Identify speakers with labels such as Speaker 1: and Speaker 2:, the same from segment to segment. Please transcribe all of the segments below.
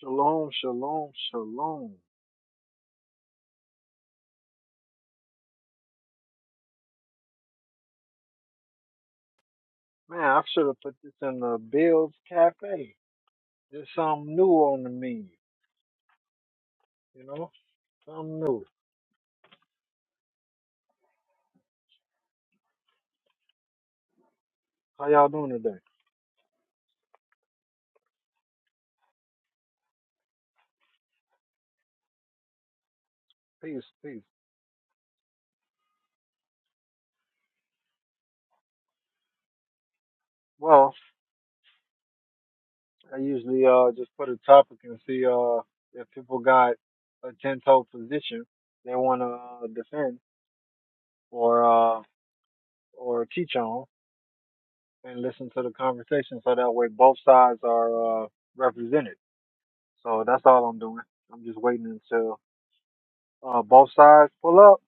Speaker 1: Shalom, shalom, shalom. Man, I should have put this in the Bill's Cafe. There's something new on the menu, you know? Something new. How y'all doing today? Peace, peace. Well, I usually uh just put a topic and see uh if people got a ten toe position they wanna uh, defend or uh or teach on and listen to the conversation so that way both sides are uh represented. So that's all I'm doing. I'm just waiting until uh both sides pull up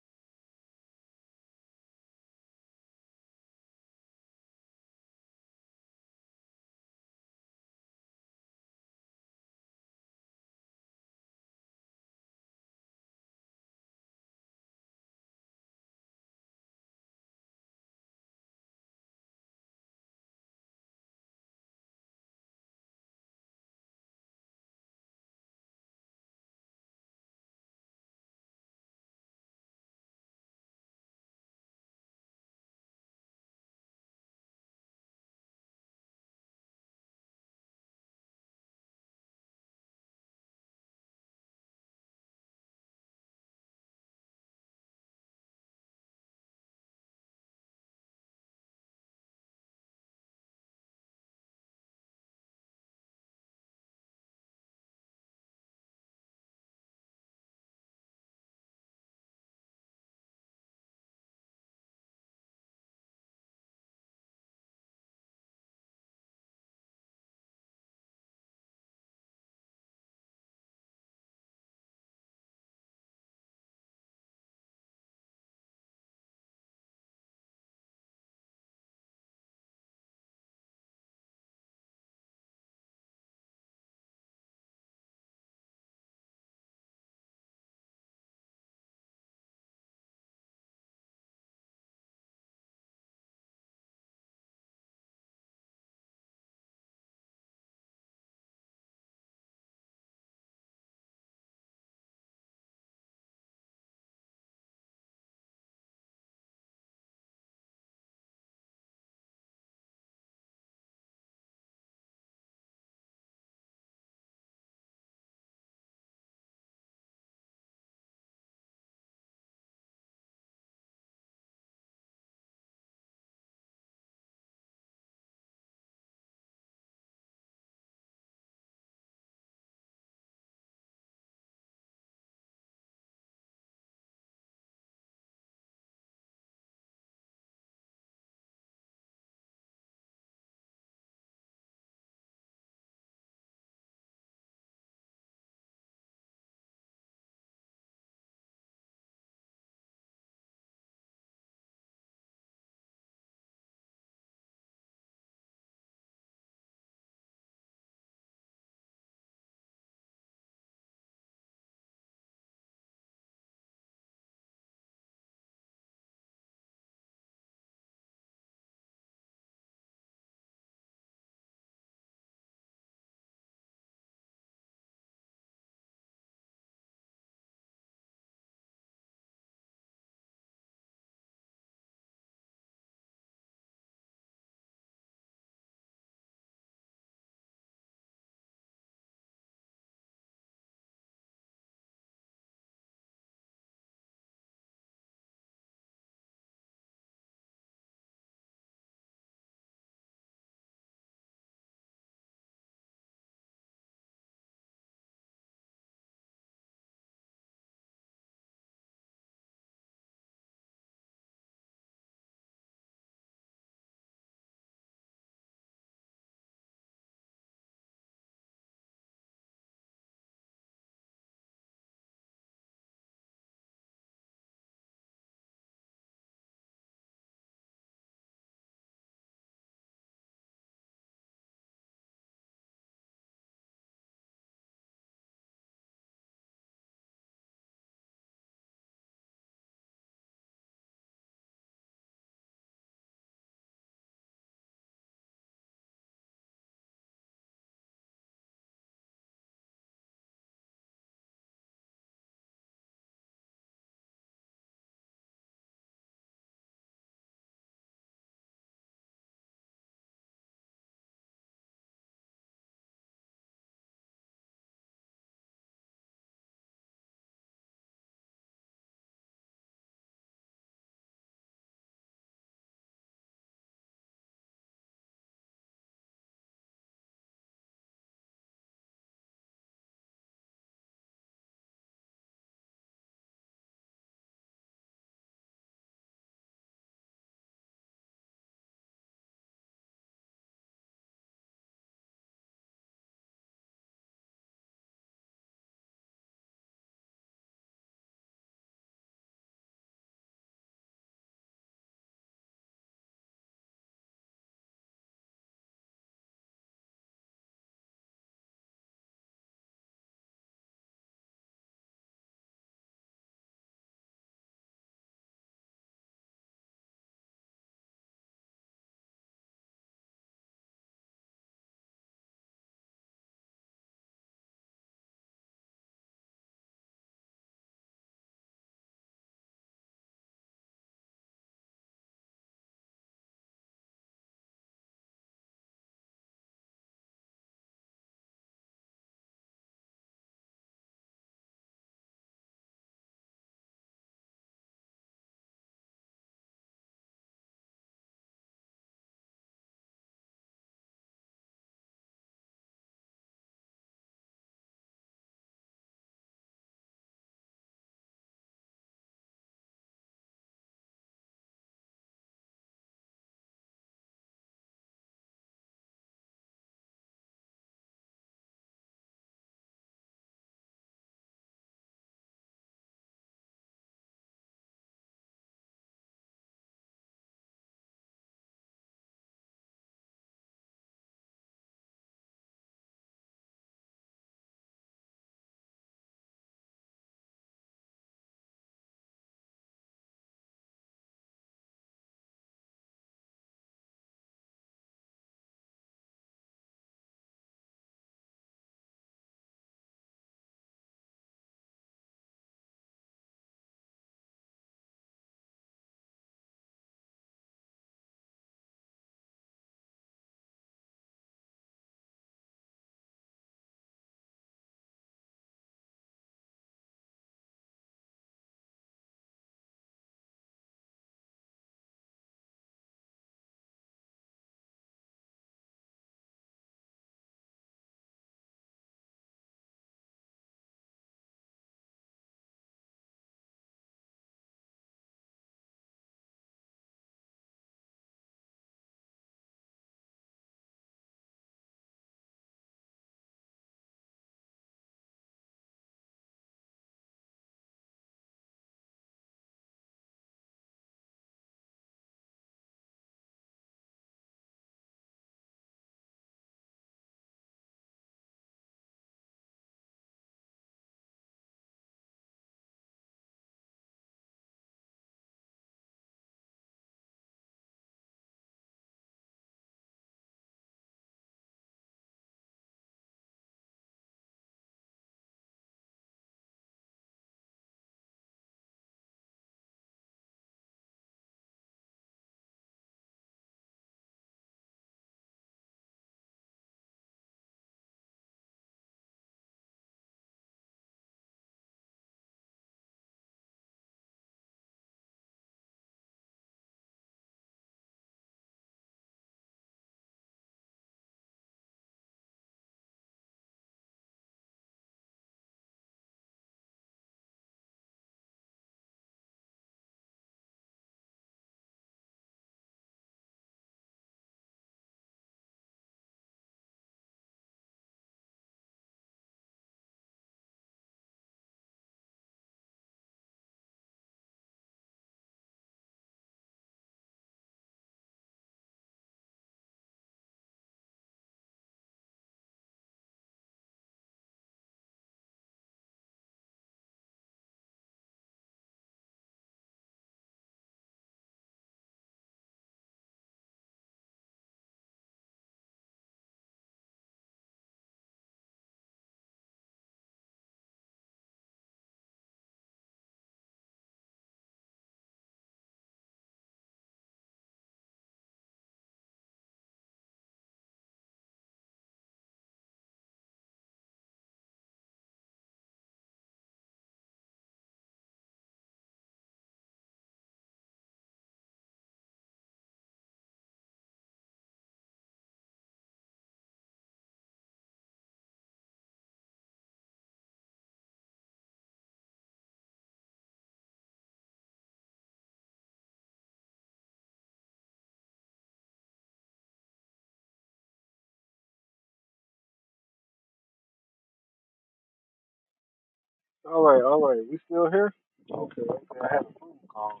Speaker 1: All right, all right. We still here? Okay, okay. I had a phone call.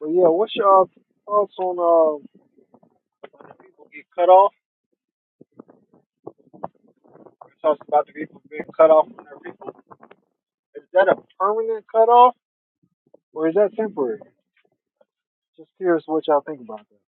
Speaker 1: But yeah, what's your uh, thoughts on uh people get cut off? We talked about the people being cut off from their people. Is that a permanent cut off or is that temporary? Just curious what y'all think about that.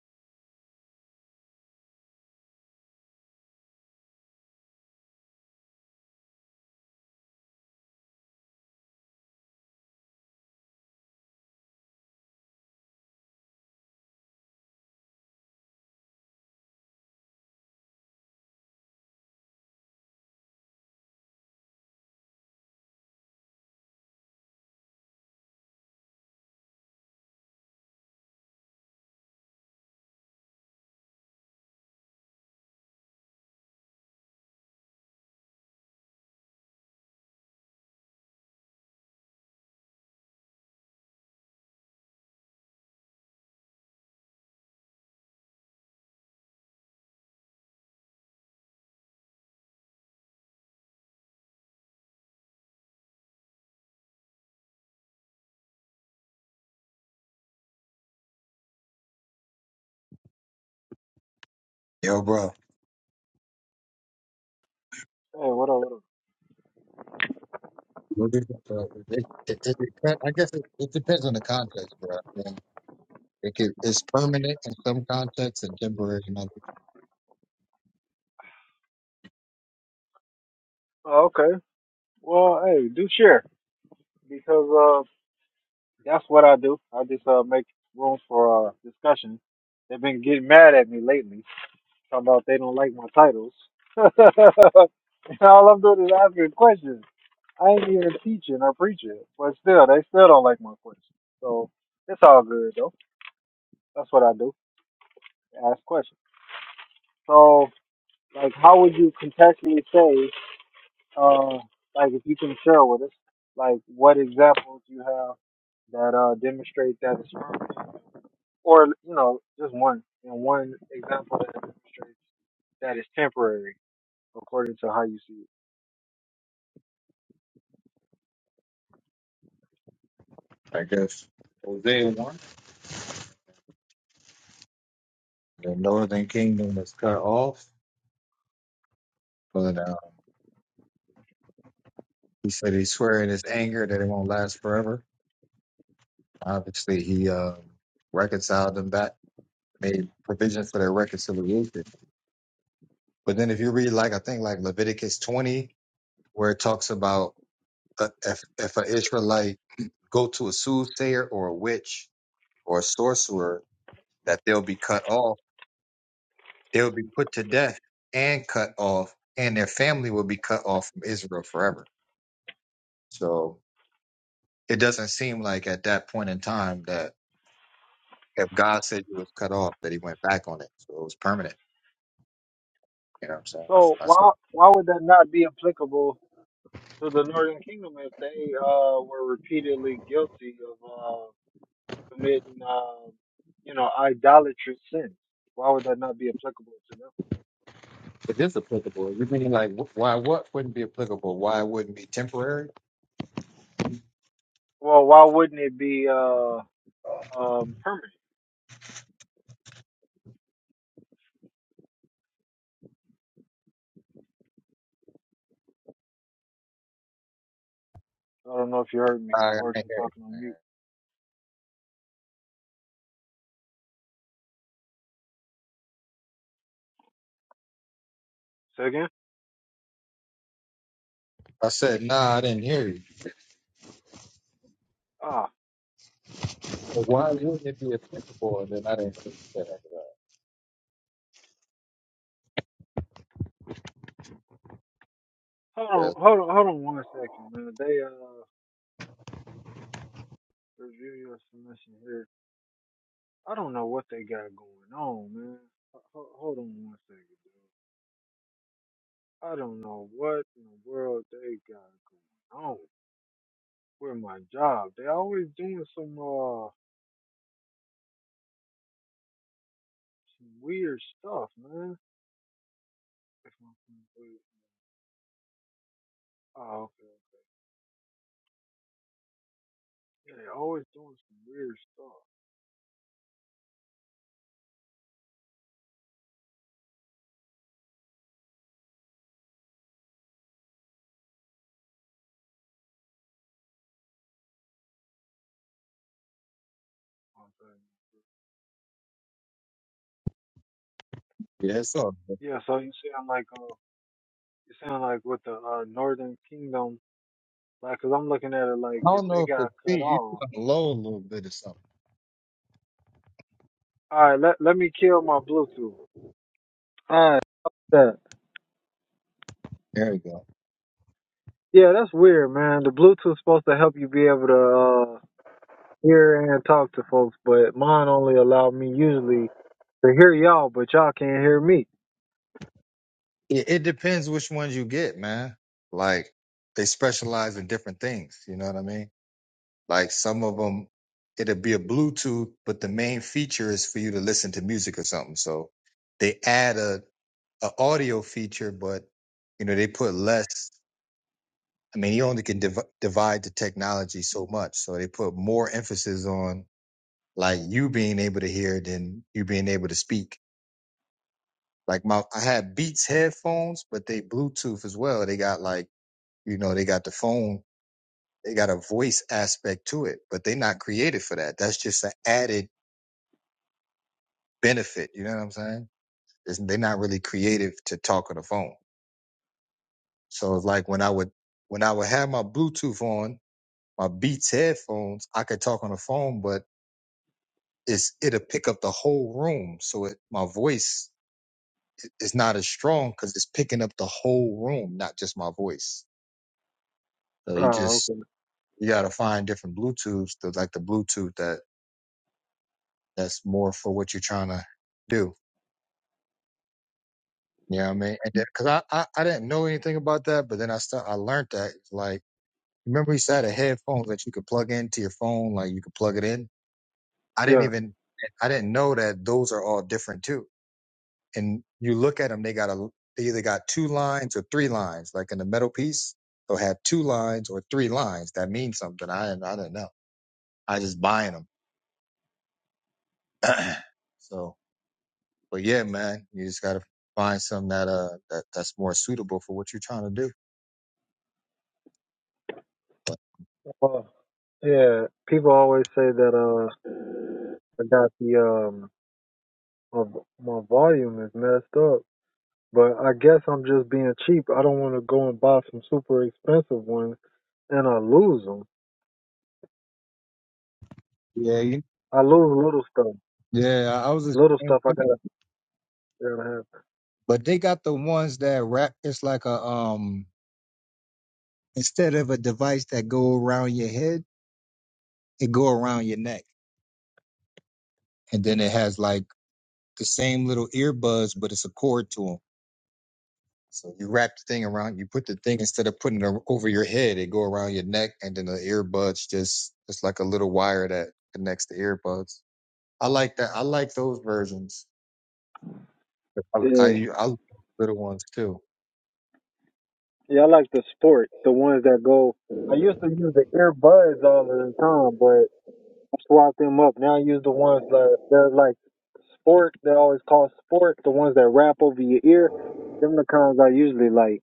Speaker 2: Yo, bro.
Speaker 1: Hey, what up, what up?
Speaker 2: What do you- bro, It, it, it, depend- I guess it, it depends on the context, bro. I mean, it could, it's permanent in some contexts and temporary in others.
Speaker 1: Oh, okay. Well, hey, do share because uh that's what I do. I just uh make room for uh discussion. They've been getting mad at me lately, talking about they don't like my titles. and all I'm doing is asking questions. I ain't even teaching or preaching, but still, they still don't like my questions. So it's all good though. That's what I do. Ask questions. So, like, how would you contextually say, uh, like, if you can share with us, like, what examples you have that uh demonstrate that it's permanent, or you know, just one and one example that demonstrates that it's temporary, according to how you see it.
Speaker 2: I guess Hosea 1, the northern kingdom was cut off, but uh, he said he swear in his anger that it won't last forever. Obviously, he uh, reconciled them back, made provision for their reconciliation. But then if you read, like, I think, like Leviticus 20, where it talks about uh, if, if an Israelite go to a soothsayer or a witch or a sorcerer that they'll be cut off. They'll be put to death and cut off, and their family will be cut off from Israel forever. So it doesn't seem like at that point in time that if God said you was cut off, that he went back on it. So it was permanent. You know what I'm saying? So
Speaker 1: So
Speaker 2: that's what,
Speaker 1: why why would that not be applicable So the Northern Kingdom, if they uh, were repeatedly guilty of uh, committing, uh, you know, idolatrous sins, why would that not be applicable to them?
Speaker 2: it is applicable. You're meaning like wh- why what wouldn't be applicable? Why it wouldn't be temporary?
Speaker 1: Well, why wouldn't it be uh, um, permanent? I don't know if you heard me
Speaker 2: I, I
Speaker 1: or if
Speaker 2: can't
Speaker 1: you're
Speaker 2: hear you.
Speaker 1: talking on mute. Say again?
Speaker 2: I said, nah, I didn't hear you.
Speaker 1: Ah,
Speaker 2: But why wouldn't it be applicable? And then I didn't hear you say
Speaker 1: hold
Speaker 2: that.
Speaker 1: on, hold on, hold on one second, man. They uh, review your submission here. I don't know what they got going on, man. Ho- ho- Hold on one second, dude. I don't know what in the world they got going on. with my job. They always doing some uh some weird stuff, man. If I'm being weird. Oh, okay. Yeah, they always doing some weird stuff. Okay.
Speaker 2: Yes, sir. I
Speaker 1: Yeah, so you sound like uh, you sound like with the uh, Northern Kingdom, like, cause I'm looking at it like if
Speaker 2: don't
Speaker 1: they
Speaker 2: know if it's
Speaker 1: got cut
Speaker 2: me. You
Speaker 1: off.
Speaker 2: sound low a little bit or something.
Speaker 1: All right, let let me kill my Bluetooth. All right, that.
Speaker 2: There you go.
Speaker 1: Yeah, that's weird, man. The Bluetooth supposed to help you be able to uh, hear and talk to folks, but mine only allow me usually They hear y'all, but y'all can't hear me.
Speaker 2: It, it depends which ones you get, man. Like they specialize in different things. You know what I mean? Like some of them, it'll be a Bluetooth, but the main feature is for you to listen to music or something. So they add a, a audio feature, but you know they put less. I mean, you only can div- divide the technology so much. So they put more emphasis on like you being able to hear than you being able to speak Like my, I had Beats headphones, but they Bluetooth as well. They got like, you know, they got the phone, they got a voice aspect to it, but they're not created for that. That's just an added benefit. You know what I'm saying? It's, they're not really creative to talk on the phone. So it's like when I would, when I would have my Bluetooth on, my Beats headphones, I could talk on the phone, but it's, it'll pick up the whole room. So it, my voice is not as strong because it's picking up the whole room, not just my voice. So you
Speaker 1: Oh,
Speaker 2: just
Speaker 1: okay.
Speaker 2: you got to find different Bluetooths, the, like the Bluetooth that that's more for what you're trying to do. You know what I mean? And because I, I I didn't know anything about that, but then I st- I learned that like remember you said a headphones that you could plug into your phone, like you could plug it in. I didn't
Speaker 1: Yeah.
Speaker 2: even I didn't know that those are all different too. And you look at them, they got a they either got two lines or three lines, like in the metal piece. They'll have two lines or three lines. That means something. I I didn't know. I just buying them. so But yeah, man, you just gotta find something that uh that, that's more suitable for what you're trying to do.
Speaker 1: Well, yeah. People always say that uh, I got the um, my, my volume is messed up, but I guess I'm just being cheap. I don't want to go and buy some super expensive ones and I lose them.
Speaker 2: Yeah, you-
Speaker 1: I lose little stuff.
Speaker 2: yeah. I was just
Speaker 1: Little stuff I gotta, gotta have.
Speaker 2: but they got the ones that wrap. It's like a um instead of a device that go around your head, it go around your neck, and then it has like the same little earbuds, but it's a cord to them. So you wrap the thing around, you put the thing instead of putting it o- over your head, it go around your neck, and then the earbuds just it's like a little wire that connects the earbuds. I like that. I like those versions. I, I,
Speaker 1: Yeah.
Speaker 2: I love little ones too.
Speaker 1: Yeah, I like the sport, the ones that go. I used to use the earbuds all of the time, but. swap them up. Now use the ones that they're like sport. They always call sport the ones that wrap over your ear. Them the kinds I usually like.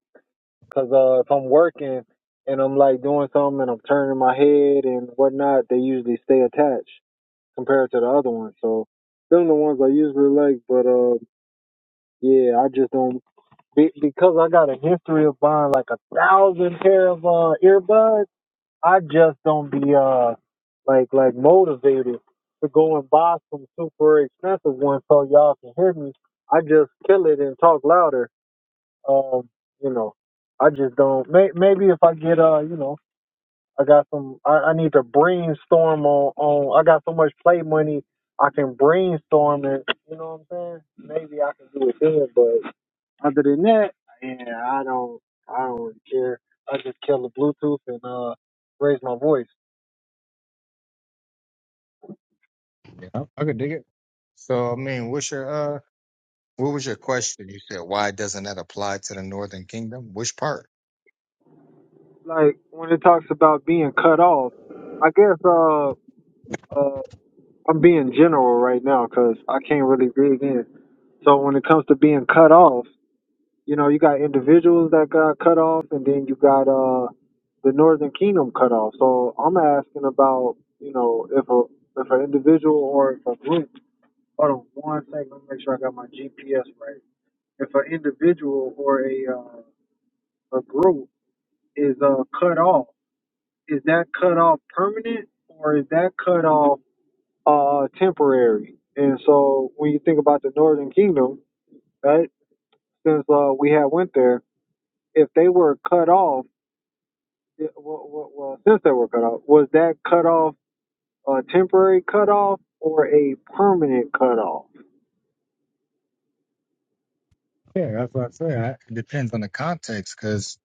Speaker 1: Cause uh, if I'm working and I'm like doing something and I'm turning my head and whatnot, they usually stay attached compared to the other ones. So them the ones I usually like. But uh, yeah, I just don't be- because I got a history of buying like a thousand pair of uh earbuds. I just don't be uh like like motivated to go and buy some super expensive ones so y'all can hear me. I just kill it and talk louder. Um, you know, I just don't. May, maybe if I get uh, you know, I got some. I, I need to brainstorm on on. I got so much play money. I can brainstorm it. you know what I'm saying. Maybe I can do it then. But other than that, yeah, I don't. I don't really care. I just kill the Bluetooth and uh raise my voice.
Speaker 2: Yeah, I, could dig it. So, I mean, what's your uh, what was your question? You said why doesn't that apply to the Northern Kingdom? Which part?
Speaker 1: like when it talks about being cut off, I guess uh, uh, I'm being general right now because I can't really dig in. So when it comes to being cut off, you know, you got individuals that got cut off, and then you got uh, the Northern Kingdom cut off. So I'm asking about, you know, if a if an individual or if a group. Hold on one second. Let me make sure I got my GPS right. If an individual or a uh, a group is uh, cut off is that cut off permanent or is that cut off uh, temporary? And so when you think about the Northern Kingdom, right? Since uh, we had went there, if they were cut off, it- well, well, well, since they were cut off, was that cut off a temporary cut off or a permanent cut off?
Speaker 2: Yeah, that's what I say. I- It depends on the context, because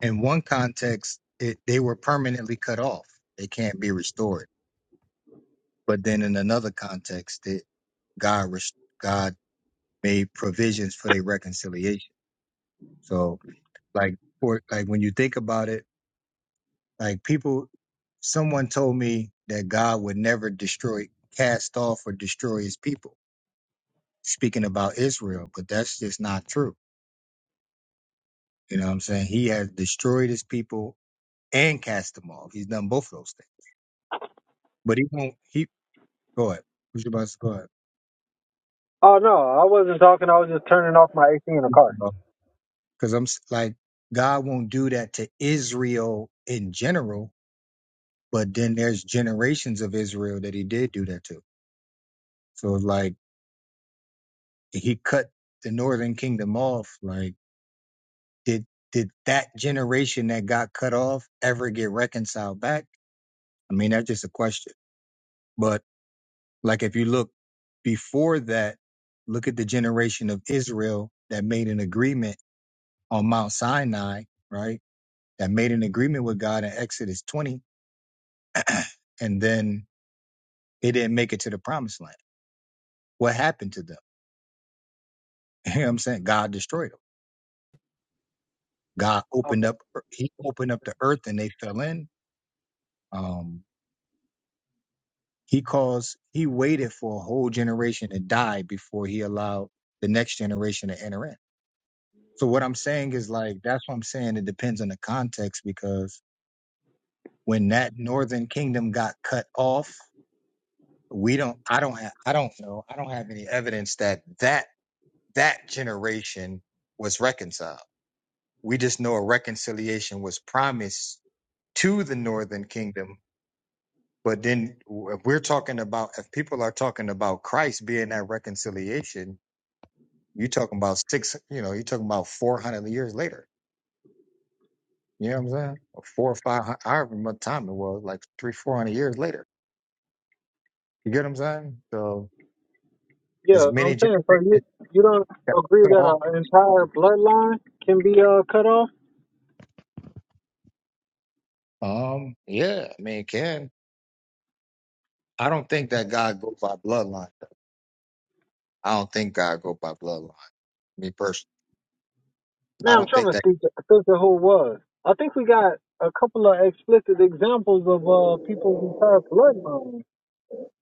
Speaker 2: in one context, it, they were permanently cut off; they can't be restored. But then in another context, that God restored. made provisions for their reconciliation. So like for like when you think about it, like people someone told me that God would never destroy cast off or destroy his people, speaking about Israel, but that's just not true. You know what I'm saying? He has destroyed his people and cast them off. He's done both of those things. But he won't he go ahead. Who's your boss? Go ahead.
Speaker 1: Oh no, I wasn't talking. I was just turning off my AC in the car.
Speaker 2: Because I'm s- like God won't do that to Israel in general But then there's generations of Israel that he did do that to. So like he cut the northern kingdom off. Like did did that generation that got cut off ever get reconciled back? I mean, that's just a question. But like if you look before that, look at the generation of Israel that made an agreement on Mount Sinai, right? That made an agreement with God in Exodus 20, and then they didn't make it to the promised land. What happened to them? You know what I'm saying? God destroyed them. God opened
Speaker 1: Okay.
Speaker 2: up er, he opened up the earth and they fell in. Um, he caused he waited for a whole generation to die before he allowed the next generation to enter in. So what I'm saying is like that's what I'm saying. It depends on the context because when that northern kingdom got cut off, we don't I don't have I don't know I don't have any evidence that that that generation was reconciled. We just know a reconciliation was promised to the northern kingdom But then if we're talking about if people are talking about Christ being that reconciliation, you're talking about six, you know, you're talking about four hundred years later. You know what I'm saying? Or four or five hu- however much time it was, like three, four hundred years later. You get what I'm saying? So as
Speaker 1: Yeah, I'm
Speaker 2: many generations
Speaker 1: saying. So you
Speaker 2: that
Speaker 1: you don't agree
Speaker 2: were cut off.
Speaker 1: that an entire bloodline can be uh, cut off?
Speaker 2: Um, yeah, I mean it can. I don't think that God go by bloodline. I don't think God go by bloodline. Me personally. I
Speaker 1: Now I'm
Speaker 2: don't
Speaker 1: trying
Speaker 2: think
Speaker 1: to
Speaker 2: that.
Speaker 1: think, think of who it was. I think we got a couple of explicit examples of uh people with entire bloodlines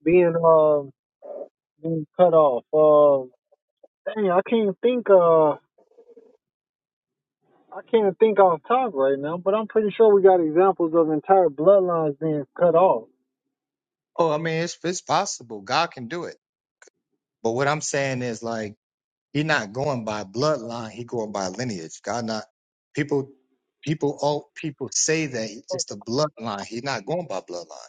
Speaker 1: being uh being cut off. Uh, dang, I can't think. Uh, I can't think off top right now, but I'm pretty sure we got examples of entire bloodlines being cut off.
Speaker 2: Oh, I mean, it's it's possible. God can do it. But what I'm saying is like he not going by bloodline, he going by lineage. God not people people all people say that it's the bloodline. He's not going by bloodline.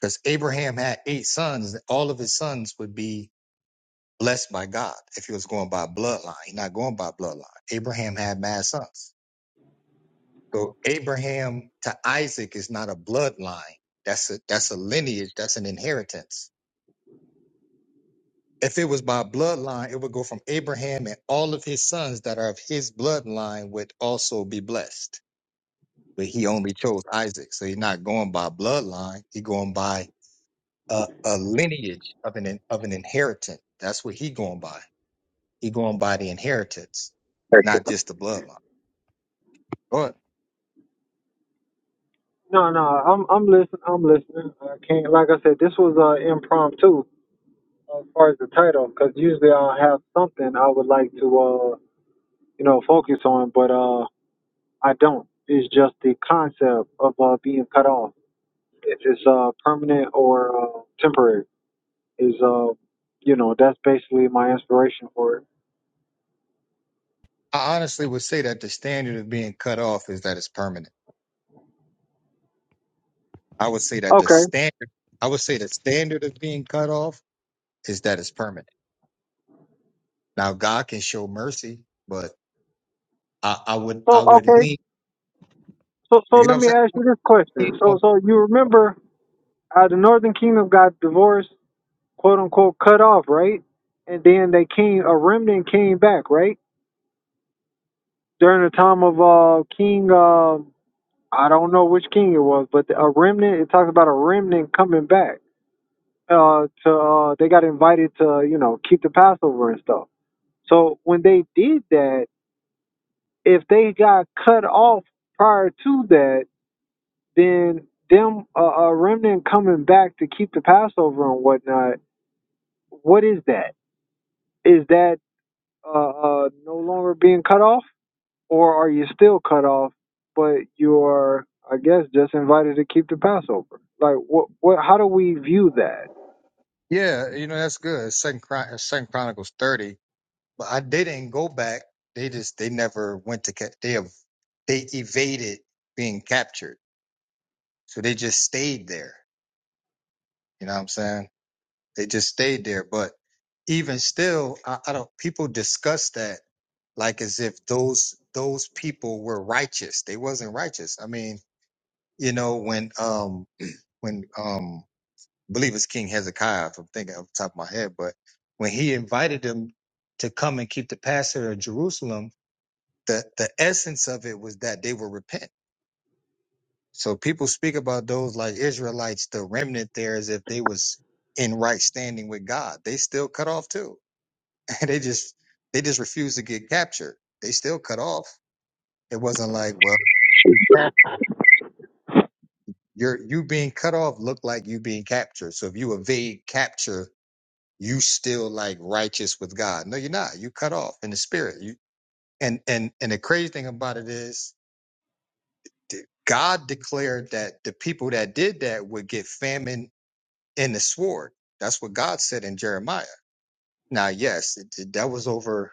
Speaker 2: because Abraham had eight sons. All of his sons would be blessed by God if he was going by bloodline. He's not going by bloodline. Abraham had mad sons. So Abraham to Isaac is not a bloodline. That's a that's a lineage. That's an inheritance. If it was by bloodline, it would go from Abraham and all of his sons that are of his bloodline would also be blessed. But he only chose Isaac. So he's not going by bloodline. He's going by a, a lineage of an of an inheritance. That's what he going by. He going by the inheritance, not just the bloodline. But
Speaker 1: No, no, I'm I'm listening. I'm listening. I can't. Like I said, this was uh impromptu as far as the title, because usually I'll have something I would like to uh you know focus on, but uh. I don't. It's just the concept of uh, being cut off. If it's uh, permanent or uh, temporary, is uh, you know, that's basically my inspiration for it.
Speaker 2: I honestly would say that the standard of being cut off is that it's permanent. I would say that the
Speaker 1: Okay.
Speaker 2: standard I would say the standard of being cut off is that it's permanent. Now God can show mercy, but I, I would I
Speaker 1: So
Speaker 2: would
Speaker 1: okay.
Speaker 2: lean
Speaker 1: So
Speaker 2: you
Speaker 1: so
Speaker 2: get what
Speaker 1: let me ask
Speaker 2: I'm
Speaker 1: you this
Speaker 2: saying?
Speaker 1: question. So so you remember uh, the Northern Kingdom got divorced, quote unquote, cut off, right? And then they came, a remnant came back, right? During the time of uh, King, uh, I don't know which king it was, but a remnant. It talks about a remnant coming back uh, to uh, they got invited to you know keep the Passover and stuff. So when they did that, if they got cut off prior to that, then them uh, a remnant coming back to keep the Passover and whatnot. What is that? Is that uh, uh, no longer being cut off, or are you still cut off, but you're I guess just invited to keep the Passover? Like what? What? How do we view that?
Speaker 2: Yeah, you know that's good. Second Chron- Second Chronicles thirty But I they didn't go back. They just they never went to ca- they have they evaded being captured. So they just stayed there. You know what I'm saying? They just stayed there. But even still, I, I don't people discuss that like as if those those people were righteous. They wasn't righteous. I mean, you know, when um when um I believe it's King Hezekiah, if I'm thinking off the top of my head, but when he invited them to come and keep the Passover in Jerusalem, the the essence of it was that they were repent. So people speak about those like Israelites, the remnant there, as if they was in right standing with God. They still cut off too. And they just they just refused to get captured. They still cut off. It wasn't like, well, you captured. You're you being cut off looked like you being captured. So if you evade capture, you still like righteous with God. No, you're not. You cut off in the spirit. You and and and the crazy thing about it is de- God declared that the people that did that would get famine and the sword. That's what God said in Jeremiah. Now, yes, it, it- that was over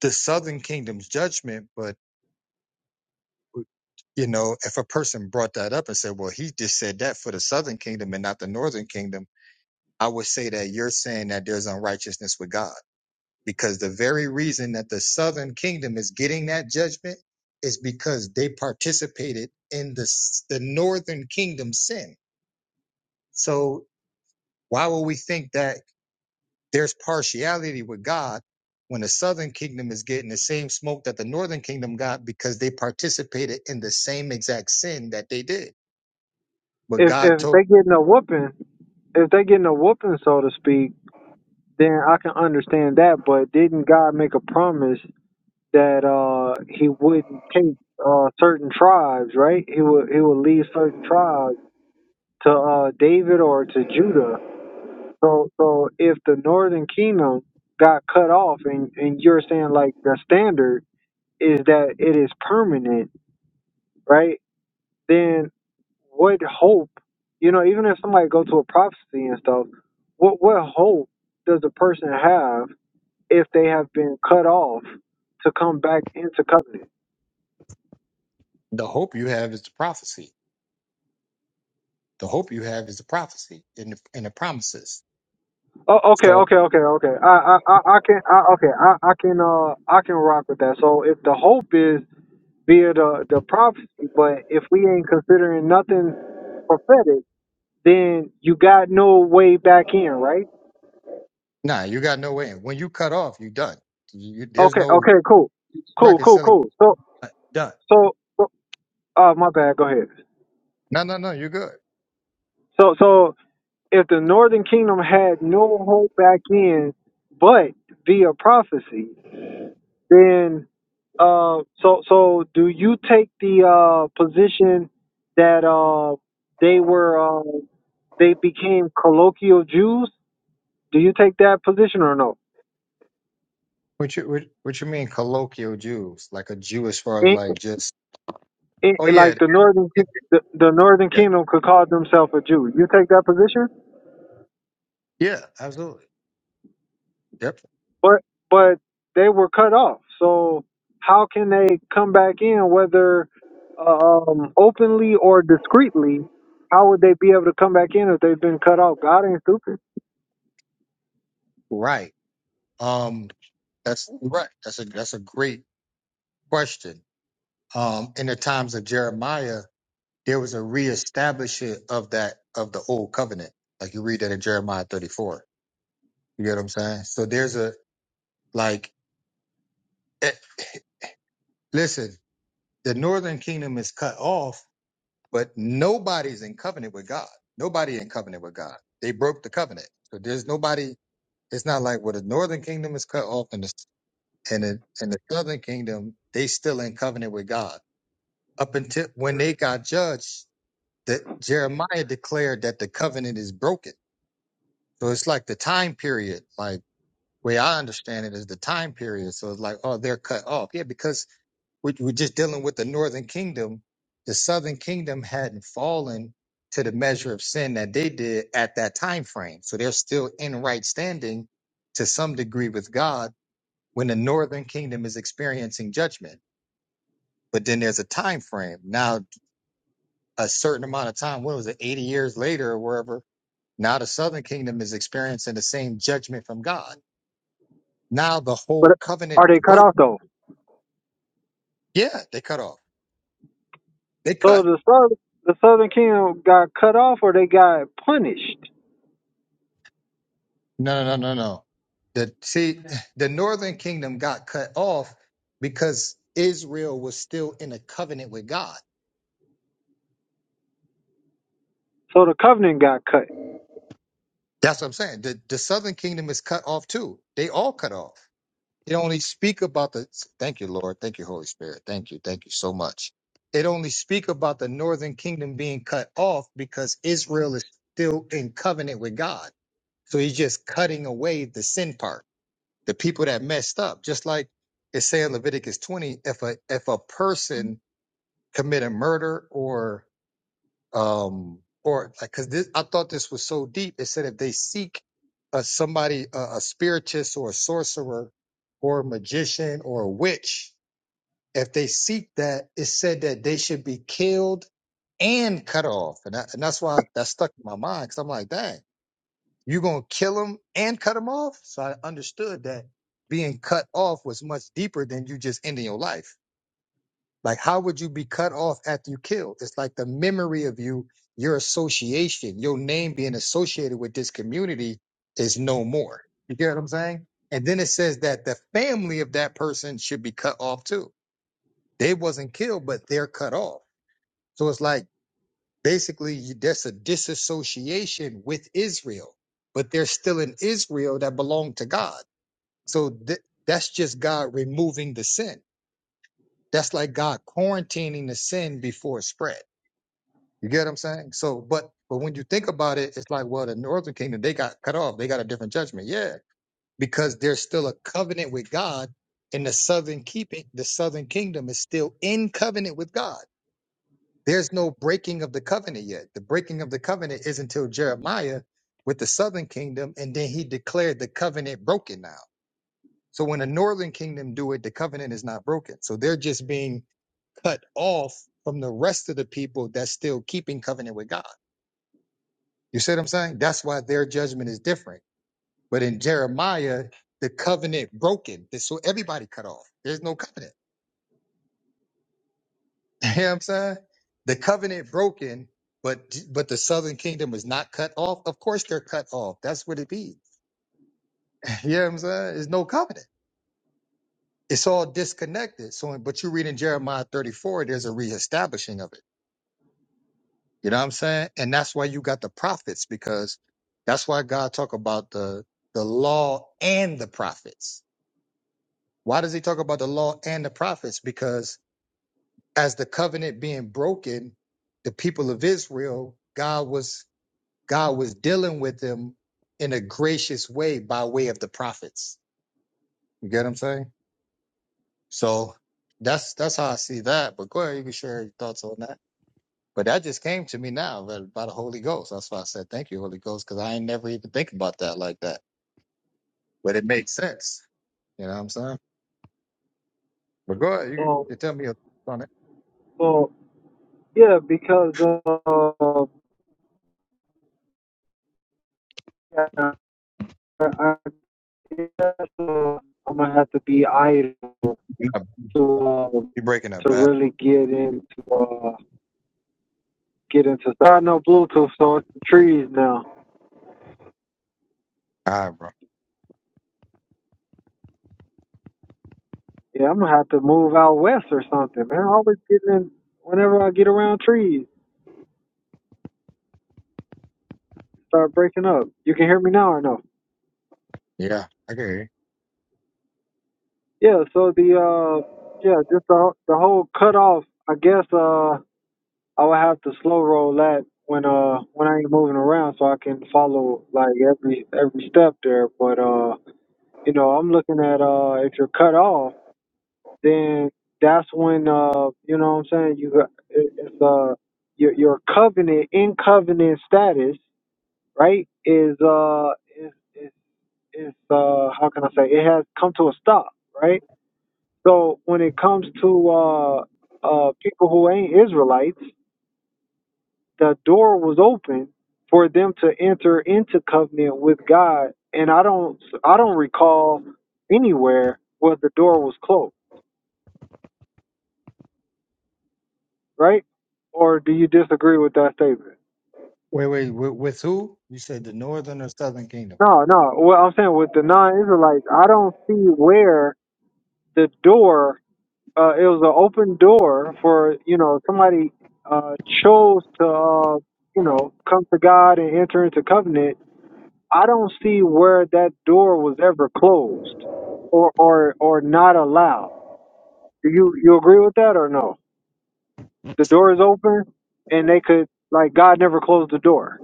Speaker 2: the southern kingdom's judgment, but you know, if a person brought that up and said, "Well, he just said that for the southern kingdom and not the northern kingdom," I would say that you're saying that there's unrighteousness with God because the very reason that the southern kingdom is getting that judgment is because they participated in the s- the northern kingdom's sin. So Why would we think that there's partiality with God when the southern kingdom is getting the same smoke that the northern kingdom got because they participated in the same exact sin that they did? But
Speaker 1: If
Speaker 2: God
Speaker 1: if
Speaker 2: told
Speaker 1: they getting a whooping, if they're getting a whooping, so to speak, then I can understand that. But didn't God make a promise that uh He wouldn't take uh certain tribes, right? He would He would leave certain tribes to uh David or to Judah. So so if the northern kingdom got cut off, and and you're saying like the standard is that it is permanent, right? Then what hope, you know, even if somebody go to a prophecy and stuff, what what hope does a person have if they have been cut off to come back into covenant?
Speaker 2: the hope you have is the prophecy. The hope you have is the prophecy and the, and the promises.
Speaker 1: Oh, okay,
Speaker 2: So,
Speaker 1: okay, okay, okay. I I I, I can I, okay I I can uh I can rock with that. So if the hope is via the the prophecy, but if we ain't considering nothing prophetic, then you got no way back in, right?
Speaker 2: nah, you got no way. in. When you cut off, you done. You, there's
Speaker 1: Okay,
Speaker 2: no
Speaker 1: okay, cool, cool, cool,
Speaker 2: reconciliation.
Speaker 1: cool. So
Speaker 2: Done.
Speaker 1: so so, uh, my bad. Go ahead.
Speaker 2: No, no, no, you're good.
Speaker 1: So, so if the Northern Kingdom had no hope back in, but via prophecy, then uh, so so do you take the uh, position that uh, they were uh, they became colloquial Jews? Do you take that position or no?
Speaker 2: What you what, what you mean colloquial Jews? Like a Jew as far as
Speaker 1: It,
Speaker 2: like just
Speaker 1: it,
Speaker 2: oh yeah
Speaker 1: like the
Speaker 2: yeah
Speaker 1: Northern
Speaker 2: yeah
Speaker 1: Ki- the, the Northern
Speaker 2: yeah
Speaker 1: Kingdom could call themselves a Jew. You take that position?
Speaker 2: yeah, absolutely yep
Speaker 1: but but they were cut off. So how can they come back in, whether um, openly or discreetly? How would they be able to come back in if they've been cut off? God ain't stupid,
Speaker 2: right um that's right that's a that's a great question um in the times of Jeremiah there was a reestablishment of that of the old covenant. Like you read that in Jeremiah 34. You get what I'm saying? So there's a like eh, listen, the northern kingdom is cut off, but nobody's in covenant with God. Nobody in covenant with God. They broke the covenant. So there's nobody it's not like well the northern kingdom is cut off and the and the, and the southern kingdom, they still in covenant with God. Up until when they got judged, that Jeremiah declared that the covenant is broken So it's like the time period, like way I understand it is the time period. So it's like, oh, they're cut off. Yeah, because we, we're just dealing with the northern kingdom. The southern kingdom hadn't fallen to the measure of sin that they did at that time frame. So they're still in right standing to some degree with God when the northern kingdom is experiencing judgment. But then there's a time frame. Now a certain amount of time, what was it, 80 years later or wherever, now the southern kingdom is experiencing the same judgment from God. Now the
Speaker 1: but
Speaker 2: whole covenant
Speaker 1: are they
Speaker 2: is
Speaker 1: cut
Speaker 2: broke.
Speaker 1: off though?
Speaker 2: Yeah, they cut off. They
Speaker 1: So
Speaker 2: cut.
Speaker 1: the southern, the southern kingdom got cut off, or they got punished.
Speaker 2: No, no, no, no, no. The see, the northern kingdom got cut off because Israel was still in a covenant with God.
Speaker 1: So the covenant got cut.
Speaker 2: That's what I'm saying. The the southern kingdom is cut off too. They all cut off. It only speak about the thank you, Lord. Thank you, Holy Spirit. Thank you. Thank you so much. It only speak about the northern kingdom being cut off because Israel is still in covenant with God. So he's just cutting away the sin part. the people that messed up, just like it say in Leviticus 20, if a if a person commit a murder or um or like because this I thought this was so deep. It said if they seek a somebody a, a spiritist or a sorcerer or a magician or a witch, if they seek that, it said that they should be killed and cut off. And, I, and that's why that stuck in my mind because I'm like, dang. You're going to kill them and cut them off? So I understood that being cut off was much deeper than you just ending your life. Like, how would you be cut off after you kill? It's like the memory of you, your association, your name being associated with this community is no more. You get what I'm saying? And then it says that the family of that person should be cut off too. They wasn't killed, but they're cut off. So it's like, basically that's a disassociation with Israel, but they're still in Israel that belong to God. So th- that's just God removing the sin. That's like God quarantining the sin before it spread. You get what I'm saying? So, but but when you think about it, it's like well, the Northern Kingdom they got cut off. They got a different judgment, yeah, because there's still a covenant with God, and the Southern keeping the Southern Kingdom is still in covenant with God. There's no breaking of the covenant yet. The breaking of the covenant is until Jeremiah with the southern kingdom, and then he declared the covenant broken now. So when the northern kingdom do it, the covenant is not broken. So they're just being cut off from the rest of the people that's still keeping covenant with God. You see what I'm saying? That's why their judgment is different. But in Jeremiah, the covenant broken. So everybody cut off. There's no covenant. You know what I'm saying? The covenant broken, but but the southern kingdom was not cut off. Of course they're cut off. That's what it be. You know what I'm saying? There's no covenant. It's all disconnected. So but you read in Jeremiah 34, there's a reestablishing of it. You know what I'm saying? And that's why you got the prophets, because that's why God talk about the the law and the prophets. Why does he talk about the law and the prophets? Because as the covenant being broken, the people of Israel, God was God was dealing with them in a gracious way by way of the prophets. You get what I'm saying? So that's that's how I see that. But go ahead, you can share your thoughts on that. But that just came to me now by, by the Holy Ghost. That's why I said thank you, Holy Ghost, because I ain't never even think about that like that. But it makes sense. You know what I'm saying? But go ahead, you can
Speaker 1: So
Speaker 2: you tell me your thoughts on it.
Speaker 1: so yeah, because uh, I I guess uh, I'm gonna have to be idle
Speaker 2: You're
Speaker 1: to um,
Speaker 2: you're breaking up
Speaker 1: to
Speaker 2: bad.
Speaker 1: really get into uh, get into. I got no Bluetooth, so it's the trees now.
Speaker 2: All right, bro.
Speaker 1: Yeah, I'm gonna have to move out west or something, man. I always getting in whenever I get around trees, start breaking up. You can hear me now or no?
Speaker 2: Yeah, I can hear you.
Speaker 1: Yeah. So the uh, yeah, just the the whole cutoff. I guess uh, I would have to slow roll that when uh when I ain't moving around, so I can follow like every every step there. But uh, you know, I'm looking at uh, if you're cut off. then that's when uh you know what I'm saying you got- it- it's uh your your covenant in covenant status right is uh is is, is uh how can I say it has come to a stop right so when it comes to uh uh people who ain't Israelites the door was open for them to enter into covenant with God and I don't I don't recall anywhere where the door was closed right? Or do you disagree with that statement?
Speaker 2: Wait, wait, with, with who? You said the northern or southern kingdom?
Speaker 1: No, no. Well, I'm saying with the non-Israelites, I don't see where the door. Uh, it was an open door for you know somebody uh, chose to uh, you know come to God and enter into covenant. I don't see where that door was ever closed or or or not allowed. Do you you agree with that or no? The door is open, and they could like God never closed the door.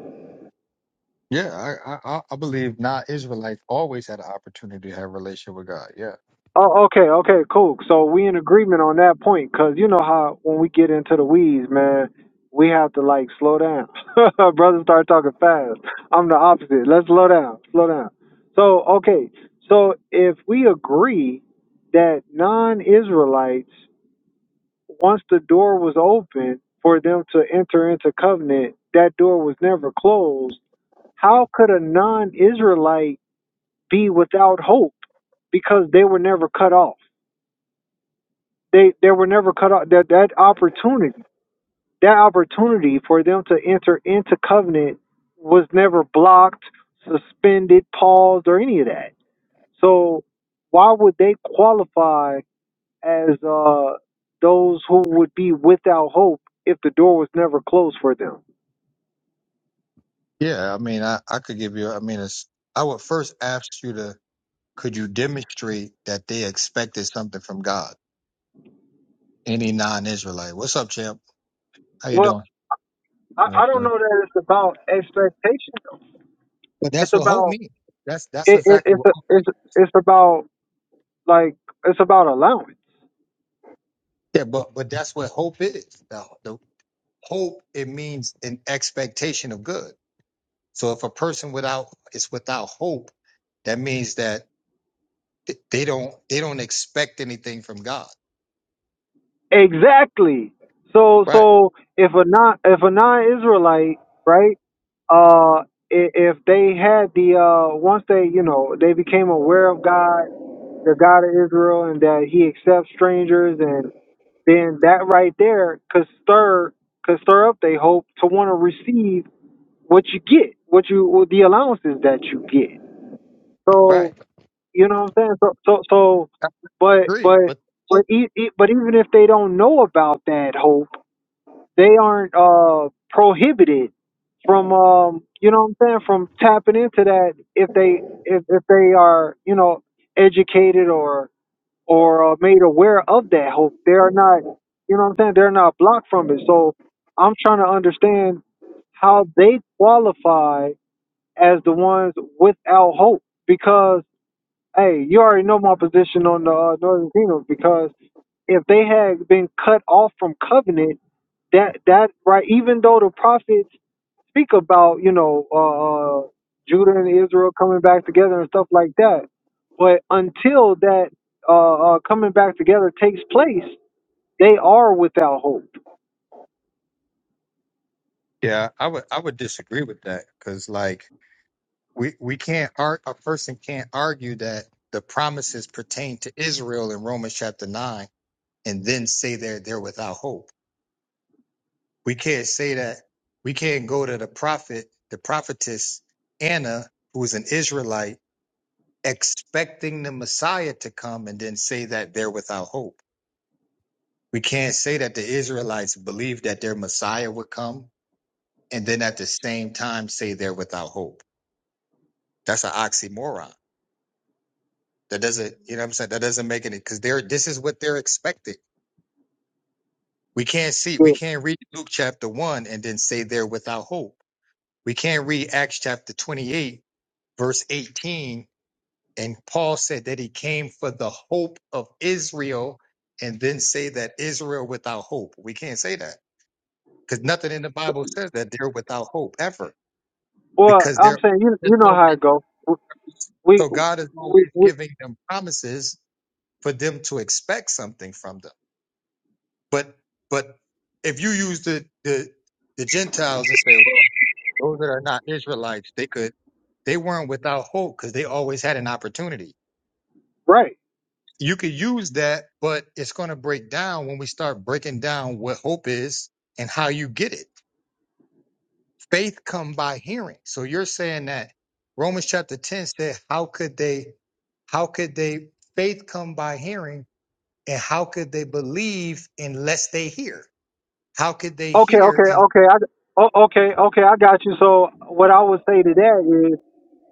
Speaker 2: Yeah, I, I I I believe not Israelites always had an opportunity to have a relationship with God. Yeah.
Speaker 1: Oh, okay, okay, cool. So we in agreement on that point, cause you know how when we get into the weeds, man, we have to like slow down. Brothers start talking fast. I'm the opposite. Let's slow down, slow down. So okay, so if we agree that non-Israelites, once the door was open for them to enter into covenant, that door was never closed. How could a non-Israelite be without hope because they were never cut off? they they were never cut off that that opportunity that opportunity for them to enter into covenant was never blocked suspended paused or any of that so why would they qualify as uh those who would be without hope if the door was never closed for them
Speaker 2: Yeah, I mean, I, I could give you. I mean, it's I would first ask you to could you demonstrate that they expected something from God? Any non-Israelite. What's up, champ? How you
Speaker 1: well
Speaker 2: doing?
Speaker 1: i,
Speaker 2: Uh,
Speaker 1: I don't
Speaker 2: uh.
Speaker 1: know that it's about expectation though
Speaker 2: But that's
Speaker 1: it's
Speaker 2: what hope
Speaker 1: about
Speaker 2: means. That's that's
Speaker 1: it, it,
Speaker 2: exactly
Speaker 1: it's,
Speaker 2: what.
Speaker 1: a, it's it's about like it's about allowance
Speaker 2: Yeah, but but that's what hope is. The, the hope it means an expectation of good. So if a person without is without hope, that means that they don't they don't expect anything from God.
Speaker 1: Exactly. So
Speaker 2: Right,
Speaker 1: so if a non if a non Israelite, right? Uh, i- if they had the uh, once they you know they became aware of God, the God of Israel, and that He accepts strangers, and then that right there could stir could stir up they hope to want to receive what you get, what you what the allowances that you get. So
Speaker 2: right.
Speaker 1: you know what I'm saying. So so so,
Speaker 2: I
Speaker 1: but
Speaker 2: agree,
Speaker 1: but
Speaker 2: but
Speaker 1: but e- e- but even if they don't know about that hope they aren't uh, prohibited from um, you know what I'm saying from tapping into that if they if, if they are you know educated or or uh, made aware of that hope. They are not you know what I'm saying. They're not blocked from it. So I'm trying to understand how they qualify as the ones without hope because hey, you already know my position on the uh, Northern Kingdom because if they had been cut off from covenant that that right even though the prophets speak about you know uh uh, judah and israel coming back together and stuff like that but until that uh, uh coming back together takes place they are without hope
Speaker 2: yeah, I would I would disagree with that because like we we can't ar- a person can't argue that the promises pertain to Israel in Romans chapter nine and then say they're they're without hope. We can't say that we can't go to the prophet, the prophetess Anna, who is an Israelite, expecting the Messiah to come and then say that they're without hope We can't say that the Israelites believed that their Messiah would come and then at the same time say they're without hope. That's an oxymoron. That doesn't, you know what I'm saying? That doesn't make any, because they're, this is what they're expecting. We can't see, we
Speaker 1: Yeah.
Speaker 2: can't read Luke chapter 1 and then say they're without hope. We can't read Acts chapter 28, verse 18, and Paul said that he came for the hope of Israel and then say that Israel without hope. We can't say that because nothing in the Bible says that they're without hope ever.
Speaker 1: well
Speaker 2: because
Speaker 1: i'm
Speaker 2: they're
Speaker 1: saying you
Speaker 2: there's
Speaker 1: you know how
Speaker 2: always,
Speaker 1: it goes we,
Speaker 2: so God is
Speaker 1: we,
Speaker 2: always
Speaker 1: we
Speaker 2: giving them promises for them to expect something from them. But but if you use the the, the Gentiles and say, well, those that are not Israelites, they could they weren't without hope because they always had an opportunity.
Speaker 1: right
Speaker 2: You could use that, but it's going to break down when we start breaking down what hope is and how you get it. faith come by hearing. So you're saying that Romans chapter 10 said, how could they, how could they faith come by hearing and how could they believe unless they hear? How could they
Speaker 1: okay
Speaker 2: hear
Speaker 1: okay
Speaker 2: and
Speaker 1: okay i oh, okay okay i got you so what i would say to that is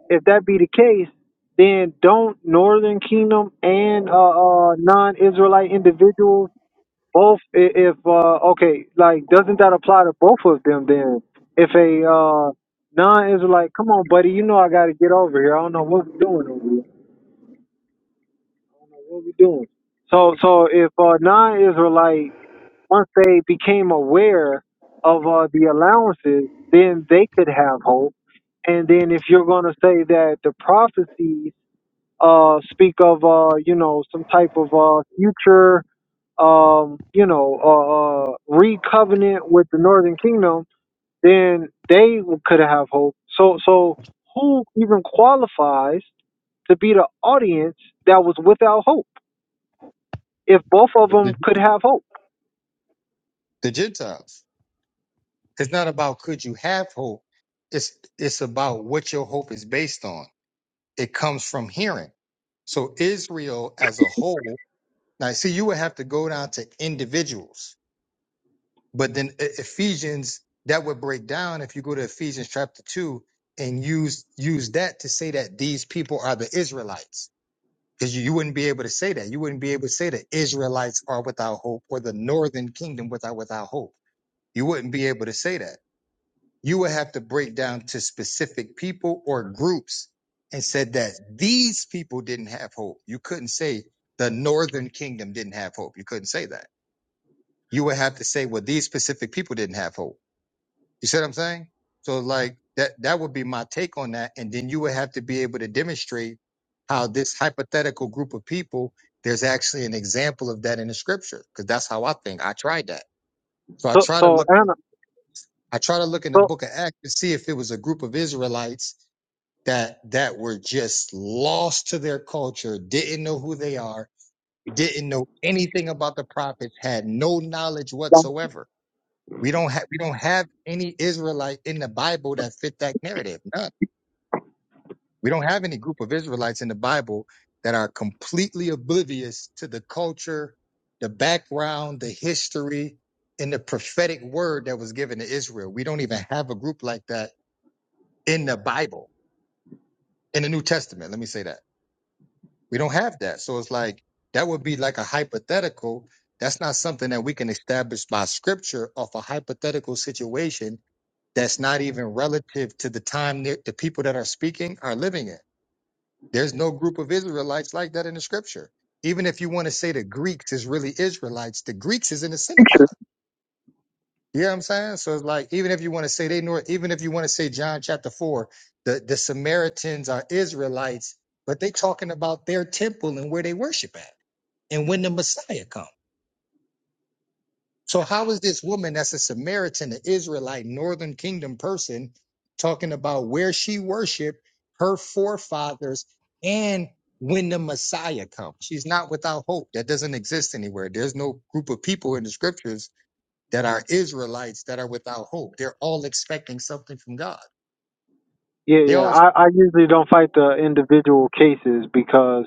Speaker 1: if that be the case, then don't Northern Kingdom and uh, uh, non-Israelite individuals both, i- if uh, okay, like doesn't that apply to both of them then? If a uh, non-Israelite, come on, buddy, you know I got to get over here. I don't know what we're doing over here. I don't know what we're doing. So, so if uh, non-Israelite once they became aware of uh, the allowances, then they could have hope. And then if you're going to say that the prophecies uh, speak of uh, you know some type of uh, future um, you know uh, uh, re-covenant with the Northern Kingdom, then they could have hope. So so who even qualifies to be the audience that was without hope if both of them
Speaker 2: the,
Speaker 1: could have hope?
Speaker 2: the Gentiles? It's not about could you have hope. It's, it's about what your hope is based on. It comes from hearing. So Israel as a whole, now see, you would have to go down to individuals But then E- Ephesians, that would break down if you go to Ephesians chapter two and use use that to say that these people are the Israelites. Because you, you wouldn't be able to say that. You wouldn't be able to say that Israelites are without hope or the northern kingdom without without hope. You wouldn't be able to say that. You would have to break down to specific people or groups and said that these people didn't have hope. You couldn't say the northern kingdom didn't have hope. You couldn't say that. You would have to say, well, these specific people didn't have hope you see what I'm saying? So like that that would be my take on that. And then you would have to be able to demonstrate how this hypothetical group of people, there's actually an example of that in the scripture. Because that's how I think. I tried that. So I
Speaker 1: So
Speaker 2: try to
Speaker 1: so
Speaker 2: look
Speaker 1: Anna
Speaker 2: I try to look in the
Speaker 1: so
Speaker 2: book of Acts to see if it was a group of Israelites that that were just lost to their culture, didn't know who they are, didn't know anything about the prophets, had no knowledge
Speaker 1: yeah,
Speaker 2: whatsoever we don't have we don't have any Israelite in the Bible that fit that narrative. None. We don't have any group of Israelites in the Bible that are completely oblivious to the culture, the background, the history, and the prophetic word that was given to Israel. We don't even have a group like that in the Bible, in the New Testament. Let me say that. We don't have that. So it's like that would be like a hypothetical. That's not something that we can establish by scripture off a hypothetical situation that's not even relative to the time that the people that are speaking are living in. There's no group of Israelites like that in the scripture. Even if you want to say the Greeks is really Israelites, the Greeks is in the synagogue.
Speaker 1: picture.
Speaker 2: You know what I'm saying? So it's like, even if you want to say they know, even if you want to say John chapter four, the, the Samaritans are Israelites, but they talking about their temple and where they worship at and when the Messiah comes. So how is this woman that's a Samaritan, an Israelite, northern kingdom person, talking about where she worshiped her forefathers and when the Messiah comes? She's not without hope. That doesn't exist anywhere. There's no group of people in the scriptures that are Israelites that are without hope. They're all expecting something from God.
Speaker 1: Yeah,
Speaker 2: They
Speaker 1: yeah.
Speaker 2: all expect.
Speaker 1: I, I usually don't fight the individual cases because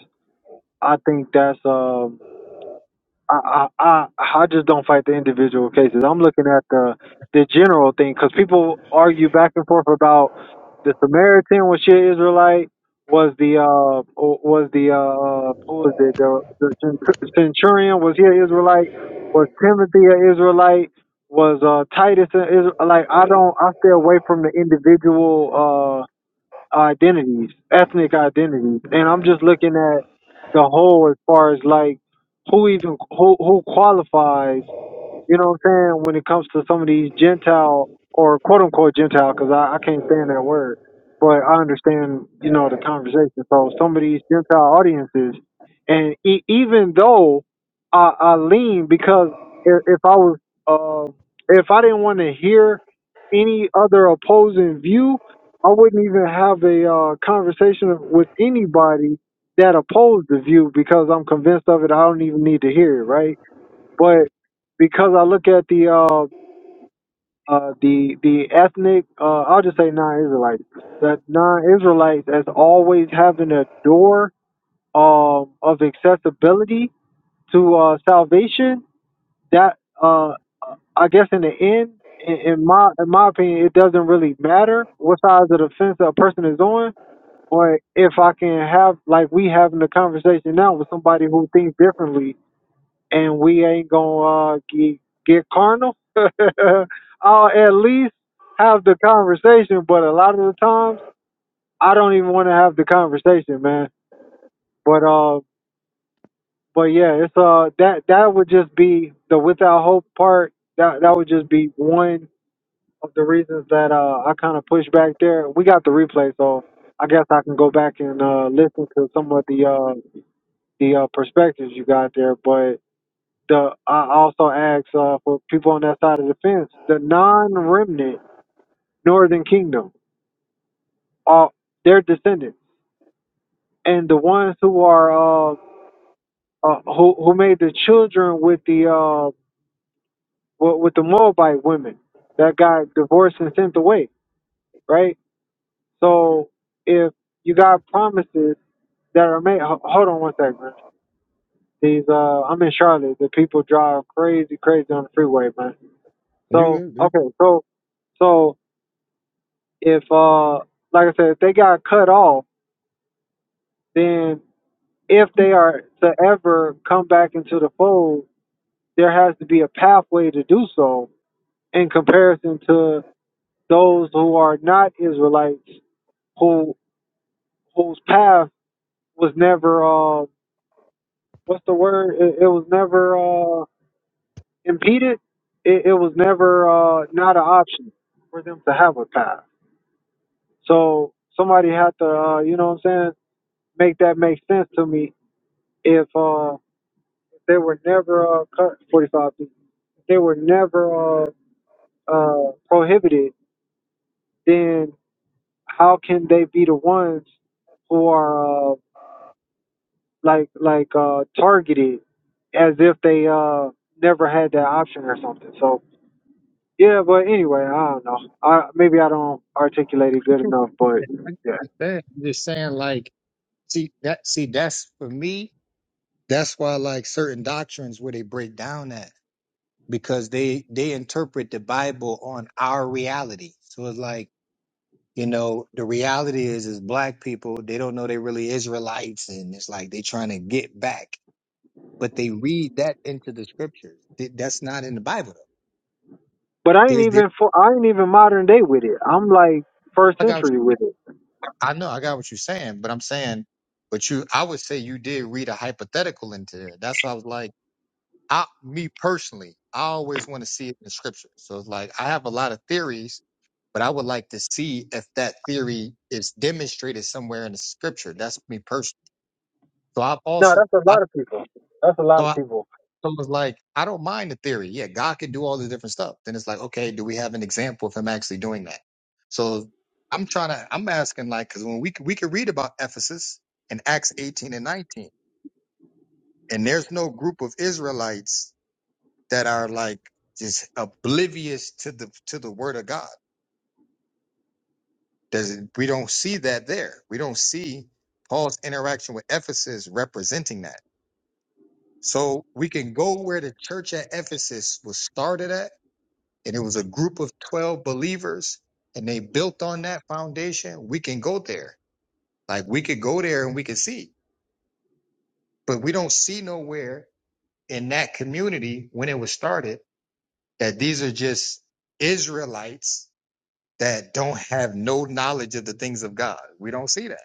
Speaker 1: I think that's um I, I I I just don't fight the individual cases. I'm looking at the the general thing because people argue back and forth about the Samaritan was she an Israelite? Was the uh o- was the uh who was it the, the cent- centurion was he an Israelite? Was Timothy an Israelite? Was uh Titus an Israelite? Like I don't I stay away from the individual uh, identities, ethnic identities, and I'm just looking at the whole as far as like who even who who qualifies you know what I'm saying? When it comes to some of these Gentile or quote unquote Gentile, because I, I can't stand that word, but I understand, you know, the conversation. So some of these Gentile audiences, and e- even though I, I lean because if, if I was, uh, if I didn't want to hear any other opposing view, I wouldn't even have a uh, conversation with anybody that opposed the view because I'm convinced of it. I don't even need to hear it, right? but because I look at the uh, uh, the the ethnic, uh, I'll just say non-Israelites. That non-Israelites as always having a door um, of accessibility to uh, salvation. That uh, I guess in the end, in, in my in my opinion, it doesn't really matter what size of the fence a person is on, or if I can have like we having a conversation now with somebody who thinks differently and we ain't gonna uh, get, get carnal. I'll at least have the conversation, but a lot of the times I don't even want to have the conversation, man. But uh, but yeah, it's uh that that would just be the without hope part. That that would just be one of the reasons that uh I kind of push back there. We got the replay, so I guess I can go back and uh listen to some of the uh the uh perspectives you got there, but. the I also ask uh, for people on that side of the fence, the non-remnant Northern Kingdom, uh, their descendants, and the ones who are uh, uh, who who made the children with the uh, with, with the Moabite women that got divorced and sent away, right? So if you got promises that are made, ho- hold on one second, man. These uh, I'm in Charlotte. The people drive crazy, crazy on the freeway, man. So
Speaker 2: you, you-
Speaker 1: okay, so so if uh like I said, if they got cut off, then if they are to ever come back into the fold, there has to be a pathway to do so in comparison to those who are not Israelites who whose path was never uh what's the word? It, it was never uh impeded. It, it was never uh not an option for them to have a path. So somebody had to uh, you know what I'm saying, make that make sense to me if uh They were never uh, cut 45 They were never uh, uh, prohibited. Then how can they be the ones who are uh, like like uh, targeted as if they uh, never had that option or something? So yeah, but anyway, I don't know. I maybe I don't articulate it good enough, but yeah.
Speaker 2: I'm just saying like see that see that's for me. That's why like certain doctrines where they break down at. because they they interpret the Bible on our reality. So it's like you know the reality is is black people they don't know they really Israelites, and it's like they trying to get back, but they read that into the scriptures. Th- That's not in the Bible though.
Speaker 1: But I ain't
Speaker 2: There's, there's
Speaker 1: even for I ain't even modern day with it. I'm like first
Speaker 2: I got what
Speaker 1: century
Speaker 2: you-
Speaker 1: with it.
Speaker 2: I know I got what you're saying, but I'm saying, but you I would say you did read a hypothetical into there. That's why I was like, I me personally, I always want to see it in the scripture. So it's like I have a lot of theories But I would like to see if that theory is demonstrated somewhere in the scripture. That's me personally. So I've
Speaker 1: No,
Speaker 2: also
Speaker 1: that's a
Speaker 2: I
Speaker 1: lot of people. That's a lot of
Speaker 2: thought
Speaker 1: people.
Speaker 2: I was like, I don't mind the theory. Yeah, God can do all the different stuff. Then it's like, okay, do we have an example of him actually doing that? So I'm trying to I'm asking like because when we c- we could read about Ephesus in Acts 18 and 19, and there's no group of Israelites that are like just oblivious to the to the word of God. Does we don't see that there. We don't see Paul's interaction with Ephesus representing that. So we can go where the church at Ephesus was started at, and it was a group of 12 believers, and they built on that foundation. We can go there. Like we could go there and we could see, but we don't see nowhere in that community when it was started that these are just Israelites that don't have no knowledge of the things of God. We don't see that.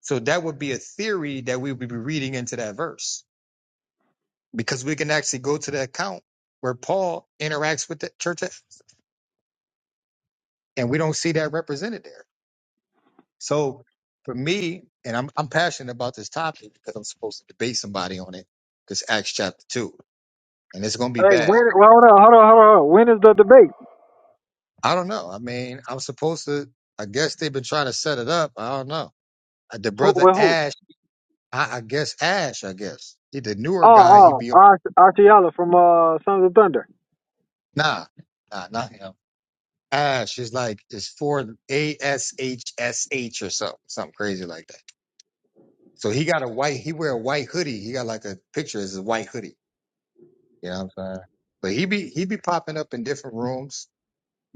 Speaker 2: So that would be a theory that we would be reading into that verse because we can actually go to the account where Paul interacts with the church at- and we don't see that represented there. So for me, and I'm, I'm passionate about this topic because I'm supposed to debate somebody on it because Acts chapter two, and it's going to be
Speaker 1: Hey,
Speaker 2: bad.
Speaker 1: when? well, Hold on, hold on, hold on. hold on. When is the debate?
Speaker 2: I don't know. I mean, I'm supposed to, I guess they've been trying to set it up. I don't know. Uh, The
Speaker 1: Who,
Speaker 2: brother
Speaker 1: with who?
Speaker 2: Ash, I, I guess Ash, I guess he, the newer guy, he
Speaker 1: Oh,
Speaker 2: be,
Speaker 1: oh, Ar- Archie from uh, Sons of Thunder.
Speaker 2: nah, nah, not him. Ash is like it's for A S H S H or something, something crazy like that. So he got a white, he wear a white hoodie. He got like a picture as a white hoodie. You know what I'm saying? But he be he be popping up in different rooms.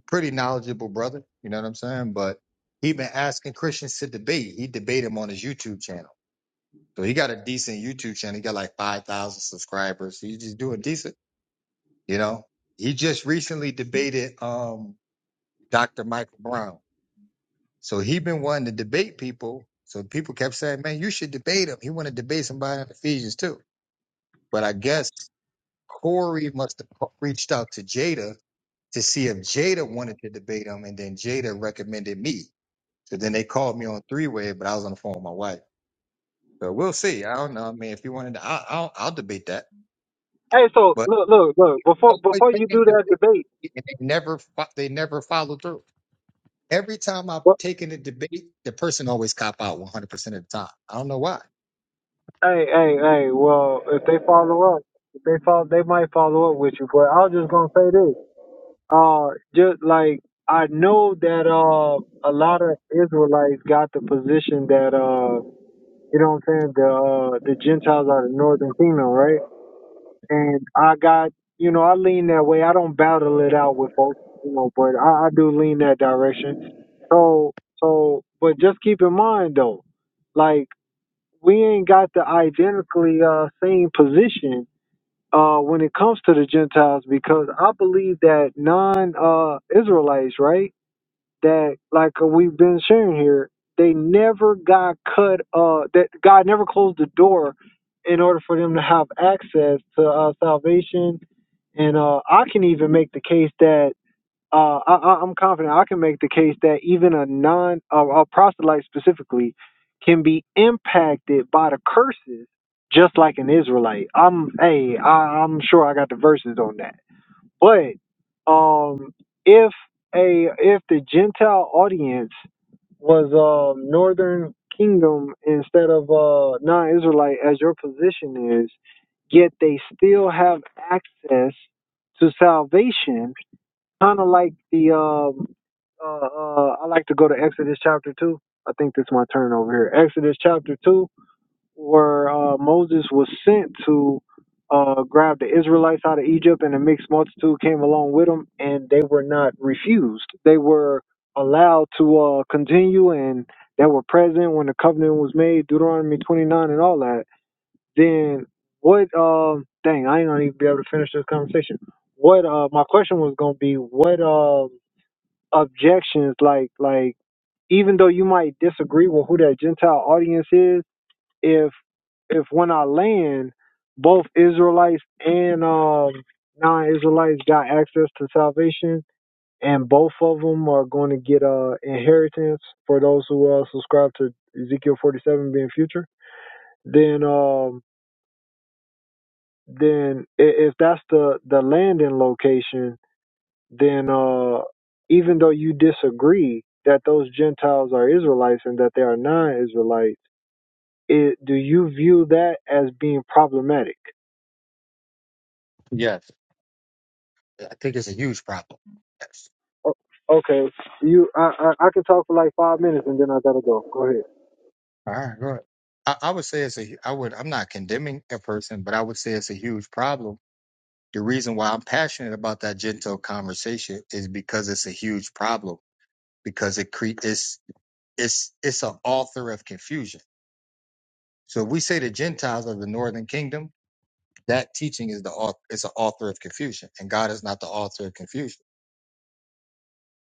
Speaker 2: Pretty knowledgeable brother. You know what I'm saying? But he been asking Christians to debate. He debate him on his YouTube channel. So he got a decent YouTube channel. He got like five thousand subscribers. He's just doing decent. You know, he just recently debated um Dr. Michael Brown. So he been wanting to debate people. So people kept saying, man, you should debate him. He wanted to debate somebody in Ephesians too. But I guess Corey must have reached out to Jada to see if Jada wanted to debate him. And then Jada recommended me. So then they called me on three way, but I was on the phone with my wife. So we'll see. I don't know. I mean, if you wanted to, I, I'll, I'll debate that.
Speaker 1: Hey, so
Speaker 2: But
Speaker 1: look, look, look. Before
Speaker 2: always
Speaker 1: before you
Speaker 2: taking
Speaker 1: do that
Speaker 2: debate
Speaker 1: debate,
Speaker 2: and they never, fo- they never follow through. Every time I've
Speaker 1: what,
Speaker 2: taken a debate, the person always cop out 100% of the time. I don't know why.
Speaker 1: hey, hey, hey. Well, if they follow up, if they follow, they might follow up with you. But I was just gonna say this. Uh, just like I know that uh, a lot of Israelites got the position that uh, you know what I'm saying. The uh, the Gentiles are the Northern Kingdom, right? and I got you know I lean that way. I don't battle it out with folks, you know, but I, I do lean that direction. So so, but just keep in mind though, like we ain't got the identically uh, same position uh, when it comes to the Gentiles because I believe that non uh, Israelites, right? that like uh, we've been sharing here, they never got cut uh that God never closed the door in order for them to have access to uh, salvation. And uh I can even make the case that uh I I- I'm confident I can make the case that even a non a, a proselyte specifically can be impacted by the curses just like an Israelite. I'm hey, I, I'm sure I got the verses on that but um, if a if the Gentile audience was um, Northern Kingdom instead of uh, non-Israelite, as your position is, yet they still have access to salvation, kind of like the um, uh, uh, I like to go to Exodus chapter two. I think this is my turn over here. Exodus chapter two where uh, Moses was sent to uh, grab the Israelites out of Egypt, and a mixed multitude came along with them, and they were not refused. They were allowed to uh, continue, and they were present when the covenant was made, Deuteronomy 29 and all that. Then what? Um, dang, I ain't gonna even be able to finish this conversation. What? Uh, my question was gonna be what um objections like like even though you might disagree with who that Gentile audience is if if when I land, both Israelites and um, non-Israelites got access to salvation, and both of them are going to get uh inheritance for those who uh, subscribe to Ezekiel 47 being future. Then um then i- if that's the the landing location, then uh even though you disagree that those Gentiles are Israelites and that they are non-Israelites, it, do you view that as being problematic?
Speaker 2: Yes. I think it's a huge problem. Yes.
Speaker 1: O- Okay, you, I, I, I can talk for like five minutes and then I gotta go. Go ahead.
Speaker 2: All right. Go ahead. I, I would say it's a. I would. I'm not condemning a person, but I would say it's a huge problem. The reason why I'm passionate about that gentle conversation is because it's a huge problem. Because it cre- it's it's it's an author of confusion. So if we say the Gentiles of the Northern Kingdom, that teaching is the author. It's an author of confusion, and God is not the author of confusion.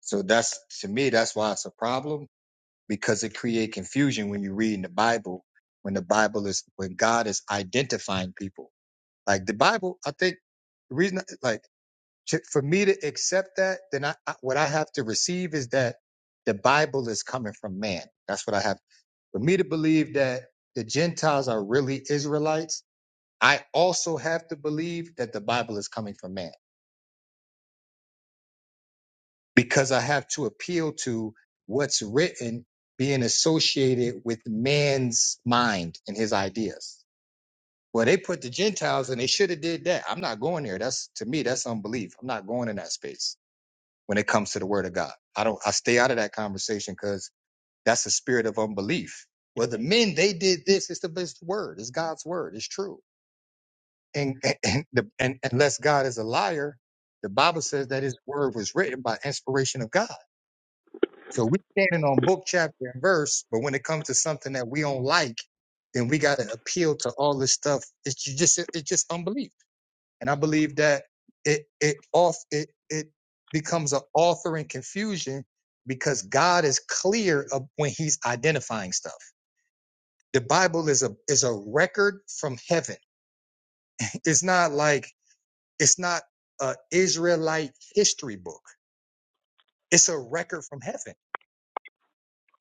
Speaker 2: So that's to me. That's why it's a problem because it create confusion when you read in the Bible when the Bible is when God is identifying people. Like the Bible, I think the reason like to, for me to accept that, then I, I what I have to receive is that the Bible is coming from man. That's what I have for me to believe that the Gentiles are really Israelites. I also have to believe that the Bible is coming from man. because I have to appeal to what's written being associated with man's mind and his ideas. Well, they put the Gentiles and they should have did that. I'm not going there. That's to me, that's unbelief. I'm not going in that space when it comes to the word of God. I don't I stay out of that conversation because that's a spirit of unbelief. Well, the men, they did this. It's the best word. It's God's word. It's true. And, and, and, the, and unless God is a liar, the Bible says that his word was written by inspiration of God. So we standing on book, chapter, and verse, but when it comes to something that we don't like, then we gotta appeal to all this stuff. It's ju- just it's just unbelief. And I believe that it it off it it becomes an author in confusion because God is clear of when he's identifying stuff. The Bible is a is a record from heaven. It's not like it's not a Israelite history book. It's a record from heaven.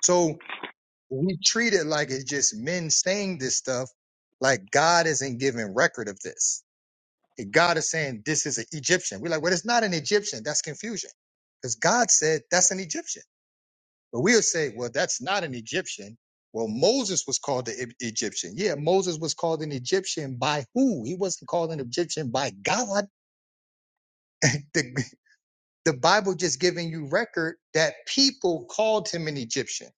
Speaker 2: So we treat it like it's just men saying this stuff, like God isn't giving record of this. And God is saying this is an Egyptian. We're like, well, it's not an Egyptian. That's confusion. Because God said that's an Egyptian. But we'll say, well, that's not an Egyptian. Well, Moses was called the E- Egyptian. Yeah, Moses was called an Egyptian by who? He wasn't called an Egyptian by God. the, the Bible just giving you record that people called him an Egyptian.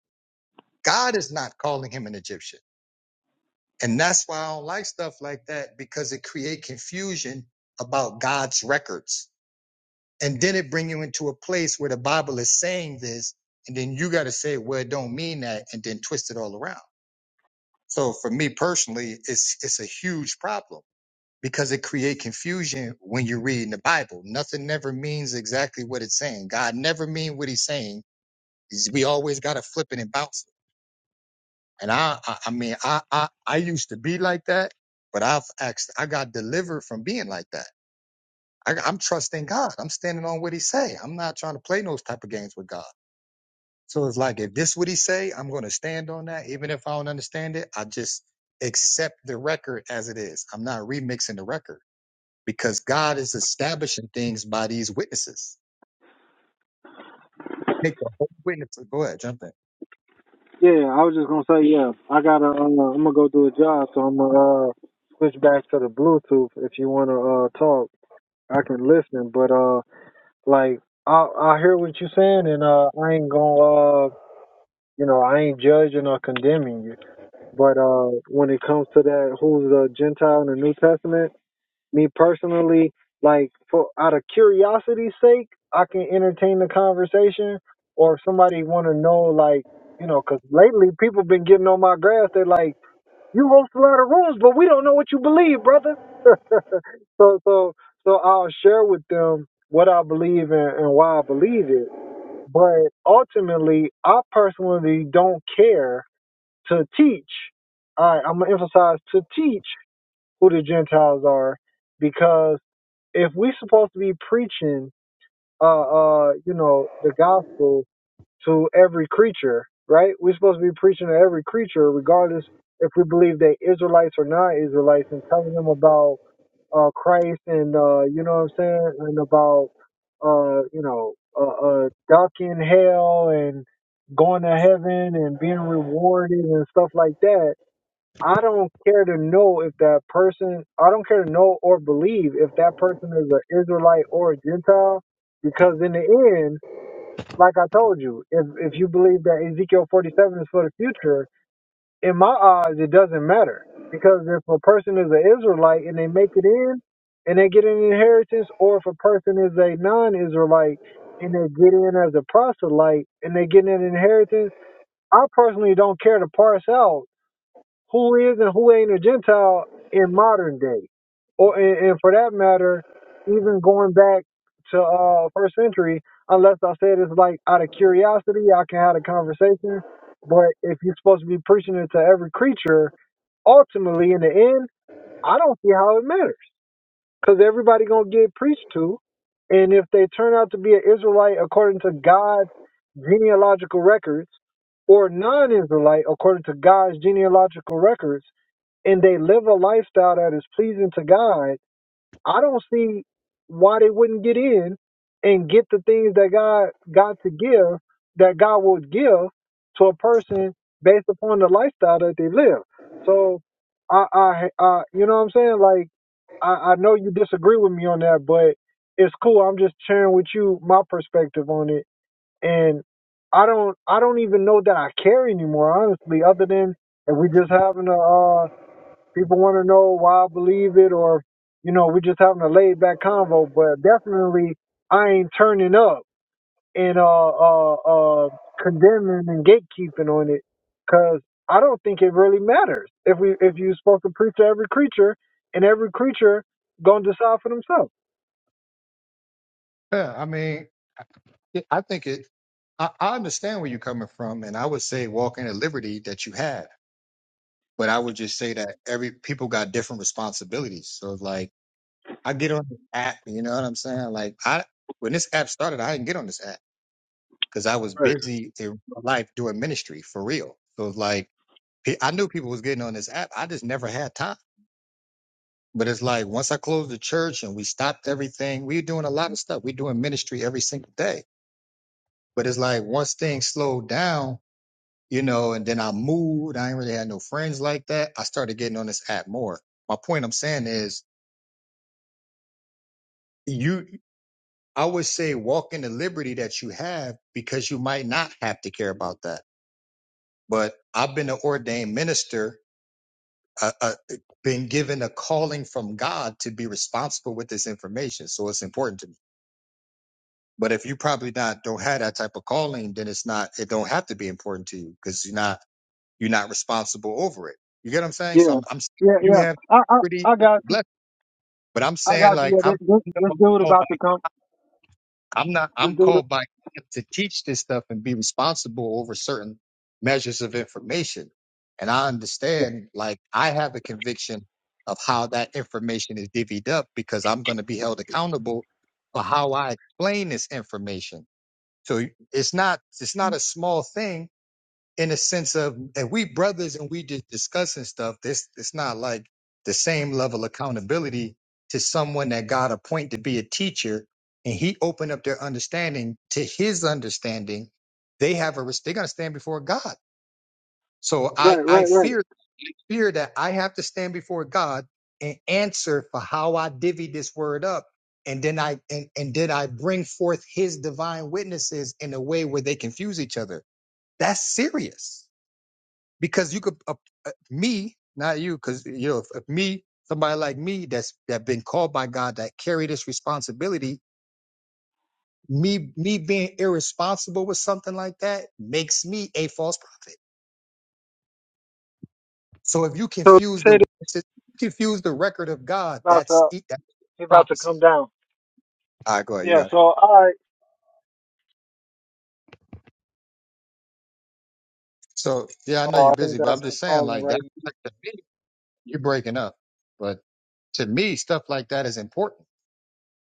Speaker 2: God is not calling him an Egyptian. And that's why I don't like stuff like that because it create confusion about God's records. And then it bring you into a place where the Bible is saying this, and then you got to say, well, it don't mean that, and then twist it all around. So for me personally, it's it's a huge problem because it create confusion when you're reading the Bible. Nothing never means exactly what it's saying. God never mean what he's saying. He's- We always got to flip it and bounce it. And I, I, I mean, I, I, I used to be like that, but I've actually, I got delivered from being like that. I, I'm trusting God. I'm standing on what He say. I'm not trying to play those type of games with God. So it's like, if this what He say, I'm going to stand on that, even if I don't understand it. I just accept the record as it is. I'm not remixing the record because God is establishing things by these witnesses. Make the whole witness. Go ahead, jump in.
Speaker 1: Yeah, I was just gonna say, yeah, I gotta, uh, I'm gonna go do a job, so I'm gonna uh, switch back to the Bluetooth if you wanna uh, talk. I can listen, but uh, like I, I hear what you're saying, and uh, I ain't gonna, uh, you know, I ain't judging or condemning you. But uh, when it comes to that, who's a Gentile in the New Testament? Me personally, like for out of curiosity's sake, I can entertain the conversation. Or if somebody want to know, like you know, 'cause lately people been getting on my grass. They're like, "You host a lot of rooms, but we don't know what you believe, brother." so so so I'll share with them what I believe and, and why I believe it. But ultimately, I personally don't care to teach. All right, I'm gonna emphasize to teach who the Gentiles are because if we supposed to be preaching uh uh you know the gospel to every creature right we're supposed to be preaching to every creature regardless if we believe they israelites or not israelites and telling them about uh christ and uh you know what i'm saying and about uh you know uh, uh ducking hell and going to heaven and being rewarded and stuff like that I don't care to know if that person, I don't care to know or believe if that person is an Israelite or a Gentile, because in the end, like I told you, if if you believe that Ezekiel 47 is for the future, in my eyes, it doesn't matter because if a person is an Israelite and they make it in and they get an inheritance, or if a person is a non-Israelite and they get in as a proselyte and they get an inheritance, I personally don't care to parse out who is and who ain't a Gentile in modern day, or and, and for that matter, even going back to uh first century. Unless I said it's like out of curiosity, I can have a conversation. But if you're supposed to be preaching it to every creature, ultimately in the end, I don't see how it matters because everybody gonna get preached to, and if they turn out to be an Israelite according to God's genealogical records, or non-Israelite according to God's genealogical records and they live a lifestyle that is pleasing to God, I don't see why they wouldn't get in and get the things that God got to give that God would give to a person based upon the lifestyle that they live. So I I, I you know what I'm saying? Like I, I know you disagree with me on that, but it's cool. I'm just sharing with you my perspective on it. And I don't I don't even know that I care anymore, honestly, other than if we just having a uh, people want to know why I believe it or, you know, we're just having a laid back convo, but definitely I ain't turning up and, uh, uh, uh, condemning and gatekeeping on it because I don't think it really matters if we, if you're supposed to preach to every creature and every creature gonna decide for themselves.
Speaker 2: Yeah, I mean, Yeah, I think it. I, I understand where you're coming from, and I would say walk in the liberty that you have. But I would just say that every people got different responsibilities. So like, I get on the app, you know what I'm saying? Like, I when this app started, I didn't get on this app because I was
Speaker 1: Right.
Speaker 2: busy in real life doing ministry for real. So it's like, pe- I knew people was getting on this app. I just never had time. But it's like once I closed the church and we stopped everything, we were doing a lot of stuff. We're doing ministry every single day. But it's like once things slowed down, you know, and then I moved. I ain't really had no friends like that. I started getting on this app more. My point I'm saying is you, I would say walk in the liberty that you have because you might not have to care about that. But I've been an ordained minister, uh, uh, been given a calling from God to be responsible with this information. So it's important to me. But if you probably not don't have that type of calling, then it's not, it don't have to be important to you because you're not You're not responsible over it. You get what I'm saying? So
Speaker 1: Yeah.
Speaker 2: I'm, I'm saying
Speaker 1: Yeah.
Speaker 2: you
Speaker 1: Yeah.
Speaker 2: have
Speaker 1: I I,
Speaker 2: pretty
Speaker 1: I got you.
Speaker 2: blessed, but I'm
Speaker 1: I got
Speaker 2: saying like I'm, I'm not called by I'm not
Speaker 1: this
Speaker 2: I'm
Speaker 1: dude.
Speaker 2: called by God to teach this stuff and be responsible over certain measures of information. And I understand like I have a conviction of how that information is divvied up because I'm going to be held accountable for how I explain this information. So it's not it's not a small thing in the sense of and we brothers and we just discussing stuff this it's not like the same level of accountability to someone that god appoint to be a teacher and he opened up their understanding to his understanding they have a res- they're going to stand before god so i
Speaker 1: Right,
Speaker 2: i
Speaker 1: right, right.
Speaker 2: fear fear that i have to stand before god and answer for how i divvy this word up and then i and, and did i bring forth his divine witnesses in a way where they confuse each other that's serious because you could uh, uh, me not you because you know if, if me somebody like me that's that been called by god that carry this responsibility me me being irresponsible with something like that makes me a false prophet so if you
Speaker 1: So
Speaker 2: confuse the
Speaker 1: say this
Speaker 2: if you confuse the record of god
Speaker 1: about
Speaker 2: that's
Speaker 1: to,
Speaker 2: e- that's
Speaker 1: he about to
Speaker 2: prophecy
Speaker 1: come down.
Speaker 2: all right go ahead you
Speaker 1: Yeah,
Speaker 2: got it
Speaker 1: so all right.
Speaker 2: so yeah i know
Speaker 1: Oh, I
Speaker 2: you're
Speaker 1: think
Speaker 2: busy but i'm
Speaker 1: that's him
Speaker 2: just saying
Speaker 1: calling
Speaker 2: like that
Speaker 1: right
Speaker 2: like to me, you're breaking up but to me stuff like that is important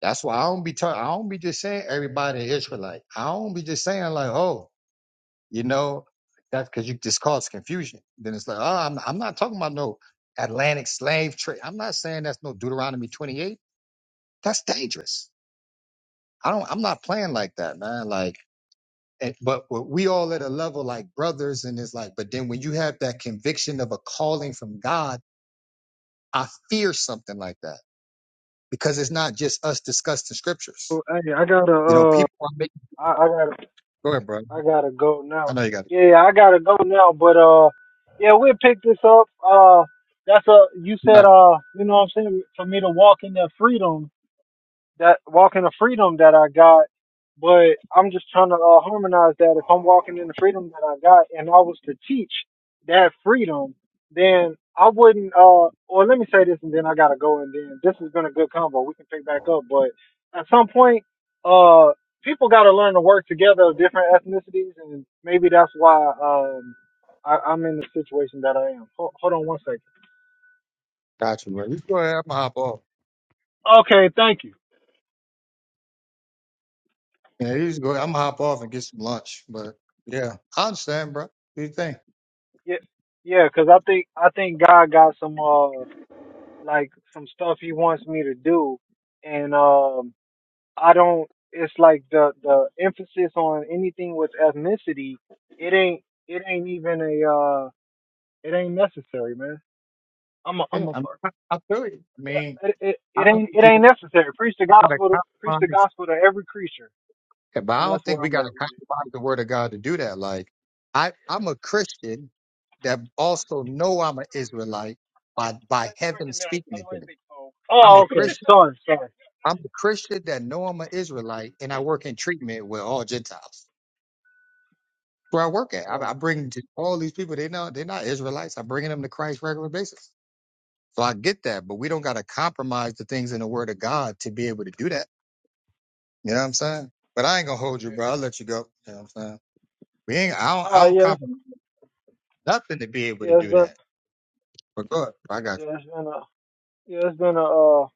Speaker 2: That's why I don't be talking. I don't be just saying everybody an Israelite. I don't be just saying like, oh, you know, that's because you just cause confusion. Then it's like, oh, I'm I'm not talking about no Atlantic slave trade. I'm not saying that's no Deuteronomy 28. That's dangerous. I don't. I'm not playing like that, man. Like, and, but but we all at a level like brothers, and it's like, but then when you have that conviction of a calling from God, I fear something like that because it's not just us discussing scriptures.
Speaker 1: Well, Hey, I gotta
Speaker 2: You know,
Speaker 1: uh,
Speaker 2: people are making.
Speaker 1: I, I gotta
Speaker 2: Go ahead, bro.
Speaker 1: I gotta go
Speaker 2: I
Speaker 1: now.
Speaker 2: know you got. it.
Speaker 1: Yeah, yeah, I gotta go now. But uh, yeah, we'll pick this up. Uh, that's a you said
Speaker 2: Got you,
Speaker 1: uh, you know what I'm saying for me to walk in that freedom that walking of freedom that I got, but I'm just trying to uh, harmonize that. If I'm walking in the freedom that I got, and I was to teach that freedom, then I wouldn't. Uh, or let me say this, and then I gotta go, and then this has been a good combo. We can pick back up, but at some point, uh, people gotta learn to work together of different ethnicities, and maybe that's why um I, I'm in the situation that I am. Hold, hold on one second.
Speaker 2: got you, bro. You go ahead. I'm gonna hop off.
Speaker 1: Okay, thank you.
Speaker 2: Yeah, you just go. I'm gonna hop off and get some lunch. But yeah, I understand, bro. What do you think?
Speaker 1: Yeah, yeah, because I think I think God got some. Uh, like some stuff he wants me to do and um I don't it's like the the emphasis on anything with ethnicity it ain't it ain't even a uh it ain't necessary man I'm a
Speaker 2: Yeah,
Speaker 1: I'm a
Speaker 2: I, am
Speaker 1: part
Speaker 2: I, I feel you. I mean,
Speaker 1: it, it,
Speaker 2: I
Speaker 1: it
Speaker 2: don't
Speaker 1: ain't
Speaker 2: think
Speaker 1: it
Speaker 2: you,
Speaker 1: ain't necessary preach the
Speaker 2: you
Speaker 1: gospel to,
Speaker 2: gotta
Speaker 1: preach the
Speaker 2: compromise.
Speaker 1: gospel to every creature
Speaker 2: Yeah, but
Speaker 1: and
Speaker 2: I don't
Speaker 1: that's
Speaker 2: think
Speaker 1: where
Speaker 2: we
Speaker 1: I'm
Speaker 2: gotta
Speaker 1: at with it
Speaker 2: compromise the word of God to do that. Like, I I'm a Christian that also know I'm an Israelite
Speaker 1: You,
Speaker 2: by
Speaker 1: you
Speaker 2: by heaven speaking it to
Speaker 1: otherwise
Speaker 2: me.
Speaker 1: they call.
Speaker 2: I'm a
Speaker 1: oh okay
Speaker 2: Christian.
Speaker 1: sorry sorry
Speaker 2: I'm a Christian that know I'm an Israelite, and I work in treatment with all Gentiles. Where I work at,
Speaker 1: right
Speaker 2: I, I bring to all these people. They know they're not Israelites. I'm bringing them to Christ regular basis. So I get that, but we don't got to compromise the things in the Word of God to be able to do that. You know what I'm saying? But I ain't gonna hold you, bro. I'll let you go. You know what I'm saying? We ain't. I don't.
Speaker 1: uh
Speaker 2: I don't
Speaker 1: yes
Speaker 2: compromise nothing to be able
Speaker 1: yes
Speaker 2: to
Speaker 1: yeah, it's
Speaker 2: do
Speaker 1: been
Speaker 2: that. But go ahead. I got
Speaker 1: yeah it's been a yeah it's been a uh,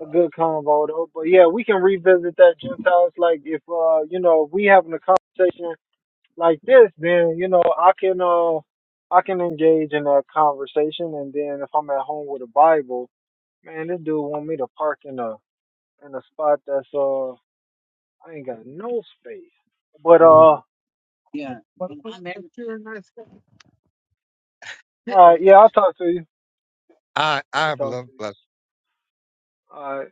Speaker 1: a good convo though. But yeah, we can revisit that Gentiles. Like if uh, you know, if we having a conversation like this, then you know, I can uh I can engage in that conversation and then if I'm at home with a Bible, man, this dude want me to park in a in a spot that's uh I ain't got no space. But uh
Speaker 2: you. Yeah, I'm married.
Speaker 1: alright, yeah, I'll talk to you.
Speaker 2: I I
Speaker 1: I'll
Speaker 2: have
Speaker 1: talk to you.
Speaker 2: love.
Speaker 1: Alright.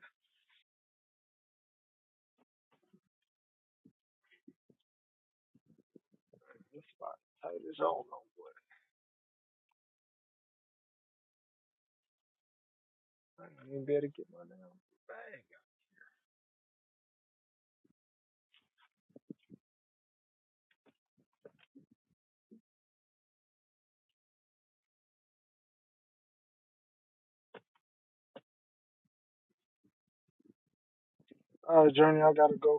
Speaker 1: This spot tight as hell. I ain't gonna be able to get my damn bag. Alright, Journey, I gotta go.